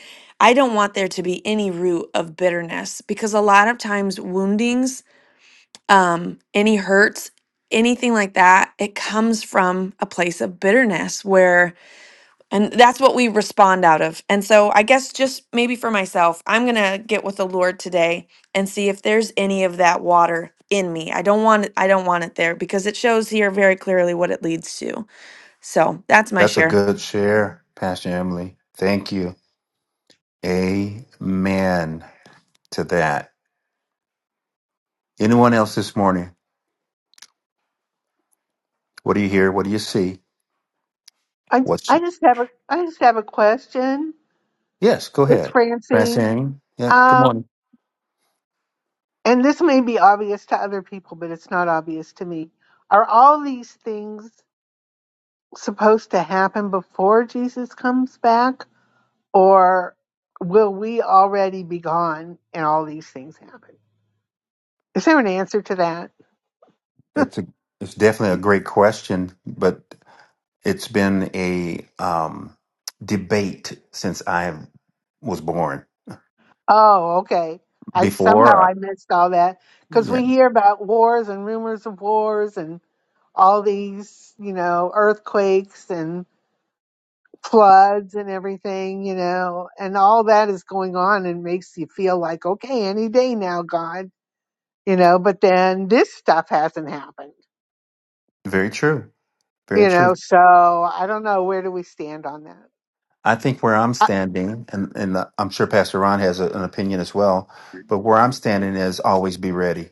S8: I don't want there to be any root of bitterness because a lot of times woundings, um any hurts, anything like that, it comes from a place of bitterness where And that's what we respond out of. And so I guess just maybe for myself, I'm going to get with the Lord today and see if there's any of that water in me. I don't want it, I don't want it there because it shows here very clearly what it leads to. So, that's my
S1: That's a
S8: share.
S1: good share, Pastor Emily. Thank you. Amen to that. Anyone else this morning? What do you hear? What do you see?
S10: I
S1: What's
S10: I just have a I just have a question.
S1: yes? Go
S10: It's
S1: ahead,
S10: Francine.
S1: Francine. Yeah. Good
S10: Um,
S1: morning.
S10: and this may be obvious to other people, but it's not obvious to me. Are all these things supposed to happen before Jesus comes back, or will we already be gone and all these things happen? Is there an answer to that?
S1: It's a it's definitely a great question, but it's been a um, debate since I was born.
S10: Oh, okay. I somehow
S1: Before, I-
S10: I missed all that because
S1: yeah,
S10: we hear about wars and rumors of wars and all these, you know, earthquakes and floods and everything, you know, and all that is going on and makes you feel like, okay, any day now, God, you know, but then this stuff hasn't happened,
S1: very true. Very
S10: you
S1: true.
S10: know, so I don't know. Where do we stand on that?
S1: I think where I'm
S10: Uh,
S1: standing, and, and I'm sure Pastor Ron has a, an opinion as well, but where I'm standing is always be ready.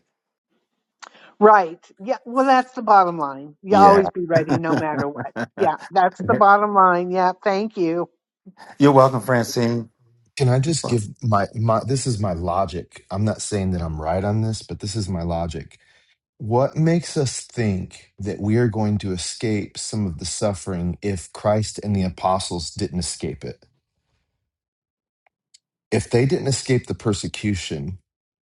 S10: right. Yeah. Well, that's the bottom line. You
S1: Yeah.
S10: always be ready
S1: [laughs]
S10: no matter what. Yeah. That's the bottom line. Yeah. Thank you.
S1: You're welcome, Francine.
S2: Can I just give my, my this is my logic. I'm not saying that I'm right on this, but this is my logic. What makes us think that we are going to escape some of the suffering if Christ and the apostles didn't escape it? if they didn't escape the persecution,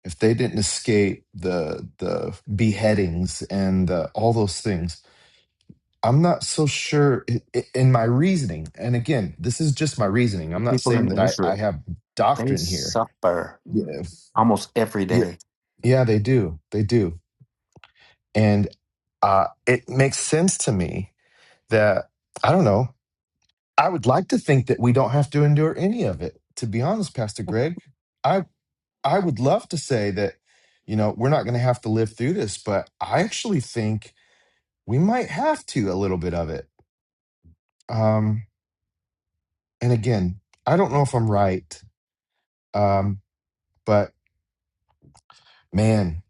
S2: if they didn't escape the the beheadings and the, all those things, I'm not so sure i- i- in my reasoning. And again, this is just my reasoning.
S1: The
S2: I'm not
S1: people
S2: saying that
S1: in
S2: I, I
S1: Israel,
S2: have
S1: they
S2: doctrine here.
S1: suffer
S2: Yeah,
S1: almost every
S2: yeah,
S1: day.
S2: yeah, they do, they do, and uh, it makes sense to me that I don't know. I would like to think that we don't have to endure any of it. To be honest, Pastor Greg, I. I would love to say that, you know, we're not going to have to live through this, but I actually think we might have to a little bit of it. Um, and again, I don't know if I'm right, um, but man,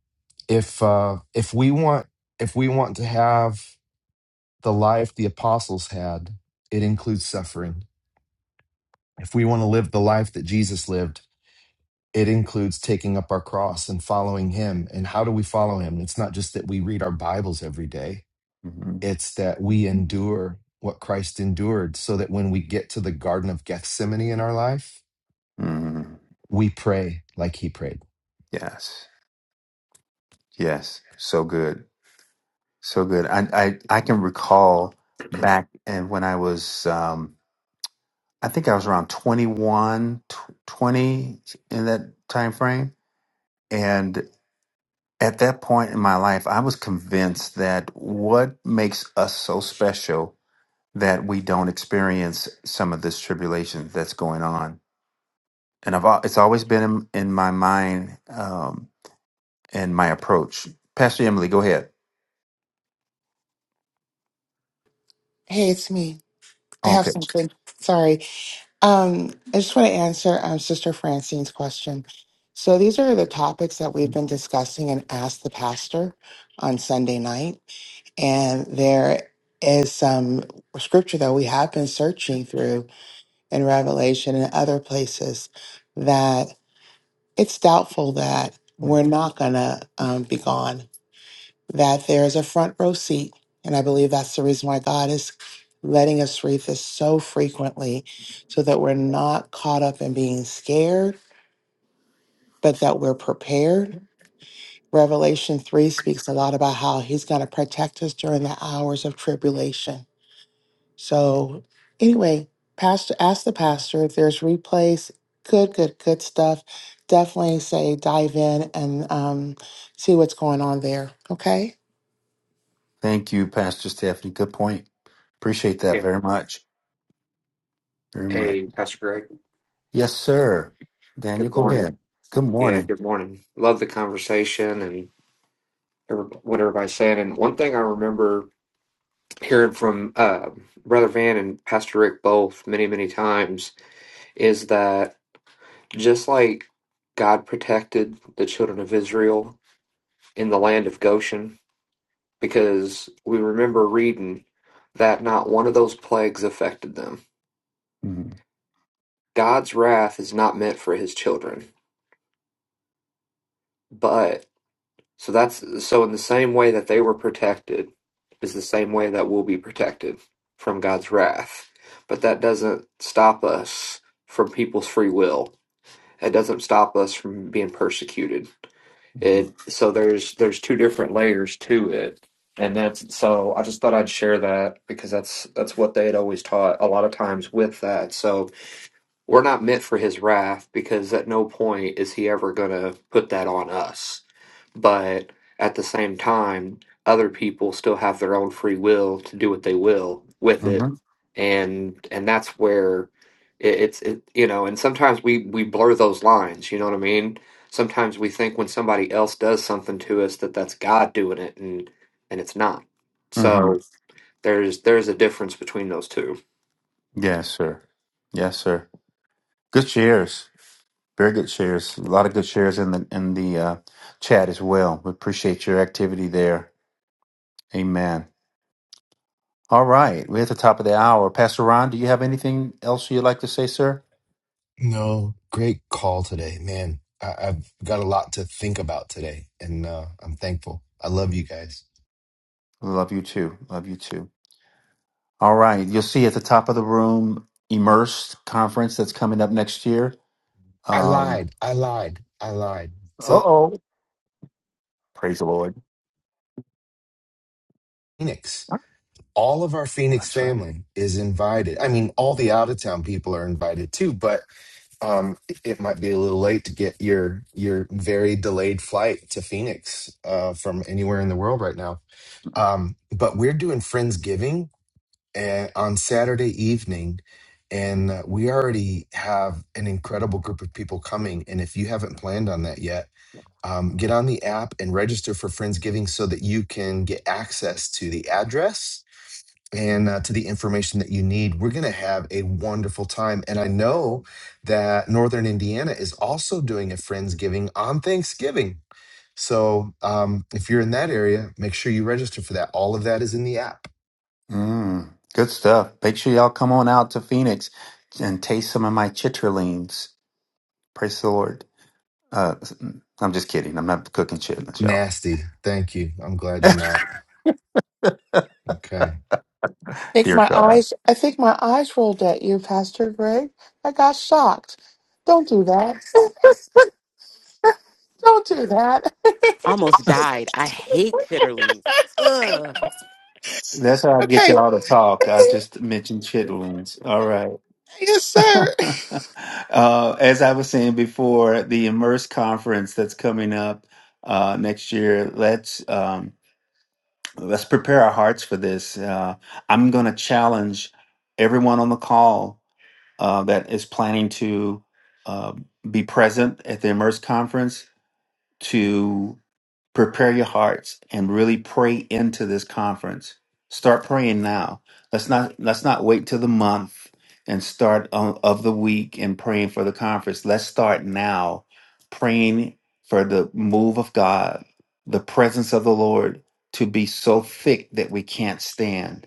S2: if uh, if we want if we want to have the life the apostles had, it includes suffering. If we want to live the life that Jesus lived, it includes taking up our cross and following Him. And how do we follow Him? It's not just that we read our Bibles every day
S1: Mhm.
S2: It's that we endure what Christ endured so that when we get to the Garden of Gethsemane in our life,
S1: Mm,
S2: we pray like he prayed.
S1: yes, yes, so good, so good. I, I I can recall back and when I was, um, I think I was around 21, tw- 20 in that time frame, at that point in my life, I was convinced that what makes us so special that we don't experience some of this tribulation that's going on. And I've al- it's always been in, in my mind um, and my approach. Pastor Emily, go ahead.
S11: Hey, it's me. I have
S1: Okay.
S11: something. Sorry. Um, I just want to answer um, Sister Francine's question. So these are the topics that we've been discussing and asked the pastor on Sunday night. And there is some scripture that we have been searching through in Revelation and other places that it's doubtful that we're not going to um, be gone that there's a front row seat. And I believe that's the reason why God is letting us read this so frequently so that we're not caught up in being scared, but that we're prepared. Revelation 3 speaks a lot about how he's going to protect us during the hours of tribulation. So, anyway, pastor ask the pastor if there's replays. Good, good, good stuff. Definitely say dive in and um, see what's going on there. Okay.
S1: Thank you, Pastor Stephanie. Good point. Appreciate that
S12: Yeah.
S1: very much. Very much.
S12: Hey, Pastor Greg.
S1: Yes, sir. Daniel,
S12: Good
S1: go
S12: morning.
S1: ahead. Good
S12: Yeah,
S1: morning.
S12: good morning. Love the conversation and every- what everybody's saying. And one thing I remember hearing from uh, Brother Van and Pastor Rick both many, many times is that just like God protected the children of Israel in the land of Goshen, because we remember reading that not one of those plagues affected them. God's wrath is not meant for his children, but So that's so in the same way that they were protected is the same way that we'll be protected from God's wrath. But that doesn't stop us from people's free will. It doesn't stop us from being persecuted.
S1: Mm-hmm.
S12: It so there's there's two different layers to it. And that's so I just thought I'd share that because that's that's what they had always taught a lot of times with that. So we're not meant for his wrath because at no point is he ever gonna put that on us but at the same time, other people still have their own free will to do what they will with it,
S1: Mm-hmm.
S12: and and that's where it, it's it, you know. And sometimes we we blur those lines. You know what I mean? Sometimes we think when somebody else does something to us that that's God doing it, and and it's not.
S1: Mm-hmm.
S12: So there's there's a difference between those two.
S1: Yes, sir. Yes, sir. Good shares. Very good shares. A lot of good shares in the in the uh, chat as well. We appreciate your activity there. Amen. All right, we're at the top of the hour. Pastor Ron, do you have anything else you'd like to say, sir?
S2: No, great call today, man. I, I've got a lot to think about today, and uh, I'm thankful. I love you guys.
S1: Love you too. Love you too. All right, you'll see at the top of the room, Immersed conference that's coming up next year.
S2: I
S1: Um,
S2: lied. I lied. I lied.
S1: uh
S2: So,
S1: oh, praise the Lord.
S2: Phoenix, all of our Phoenix
S1: That's right.
S2: family is invited. I mean, all the out of town people are invited too, but um it it might be a little late to get your your very delayed flight to Phoenix uh from anywhere in the world right now. Um but we're doing Friendsgiving and on Saturday evening and uh, we already have an incredible group of people coming and if you haven't planned on that yet, um get on the app and register for Friendsgiving so that you can get access to the address and uh, to the information that you need. We're going to have a wonderful time. And I know that Northern Indiana is also doing a Friendsgiving on Thanksgiving. So um, if you're in that area, make sure you register for that. All of that is in the app.
S1: Mm, good stuff. Make sure y'all come on out to Phoenix and taste some of my chitterlings. Praise the Lord. Uh, I'm just kidding. I'm not cooking chitlins, y'all.
S2: Nasty. Thank you. I'm glad you're not. Okay.
S11: think
S1: Dear
S11: my
S1: God.
S11: eyes I think my eyes rolled at you, Pastor Greg. I got shocked. Don't do that. [laughs] Don't do that.
S9: almost died. I hate chitterlings.
S11: [laughs]
S9: Ugh.
S1: That's how I get
S11: okay.
S1: y'all to talk. I
S11: [laughs]
S1: just mentioned chitlins. All right.
S11: Yes, sir.
S1: [laughs] uh, as I was saying before, the Immerse conference that's coming up uh, next year. Let's um, let's prepare our hearts for this. Uh, I'm going to challenge everyone on the call uh, that is planning to uh, be present at the Immerse conference to. prepare your hearts and really pray into this conference. Start praying now. Let's not let's not wait till the month and start o- of the week and praying for the conference. Let's start now praying for the move of God, the presence of the Lord to be so thick that we can't stand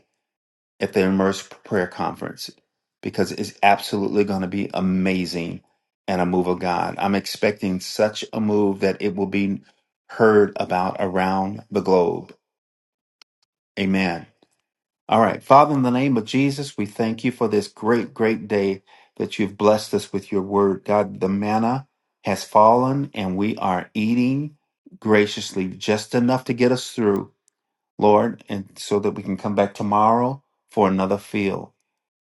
S1: at the Immerse Prayer Conference because it's absolutely going to be amazing and a move of God. I'm expecting such a move that it will be heard about around the globe. Amen. All right. Father, in the name of Jesus, we thank you for this great, great day that you've blessed us with your word. God, the manna has fallen and we are eating graciously just enough to get us through. Lord, and so that we can come back tomorrow for another field.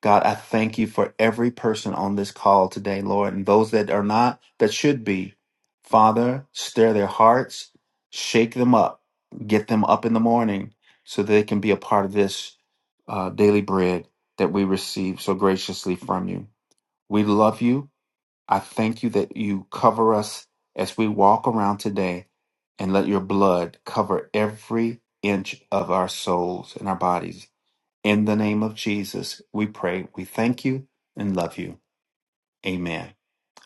S1: God, I thank you for every person on this call today, Lord, and those that are not, that should be. Father, stir their hearts, shake them up, get them up in the morning so that they can be a part of this uh, daily bread that we receive so graciously from you. We love you. I thank you that you cover us as we walk around today and let your blood cover every inch of our souls and our bodies. In the name of Jesus, we pray. We thank you and love you. Amen.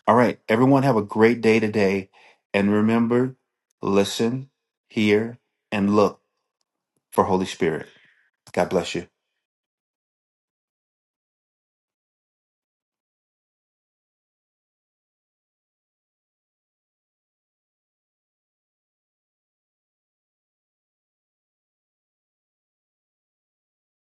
S1: All right, everyone, have a great day today. And remember, listen, hear, and look for Holy Spirit. God bless you.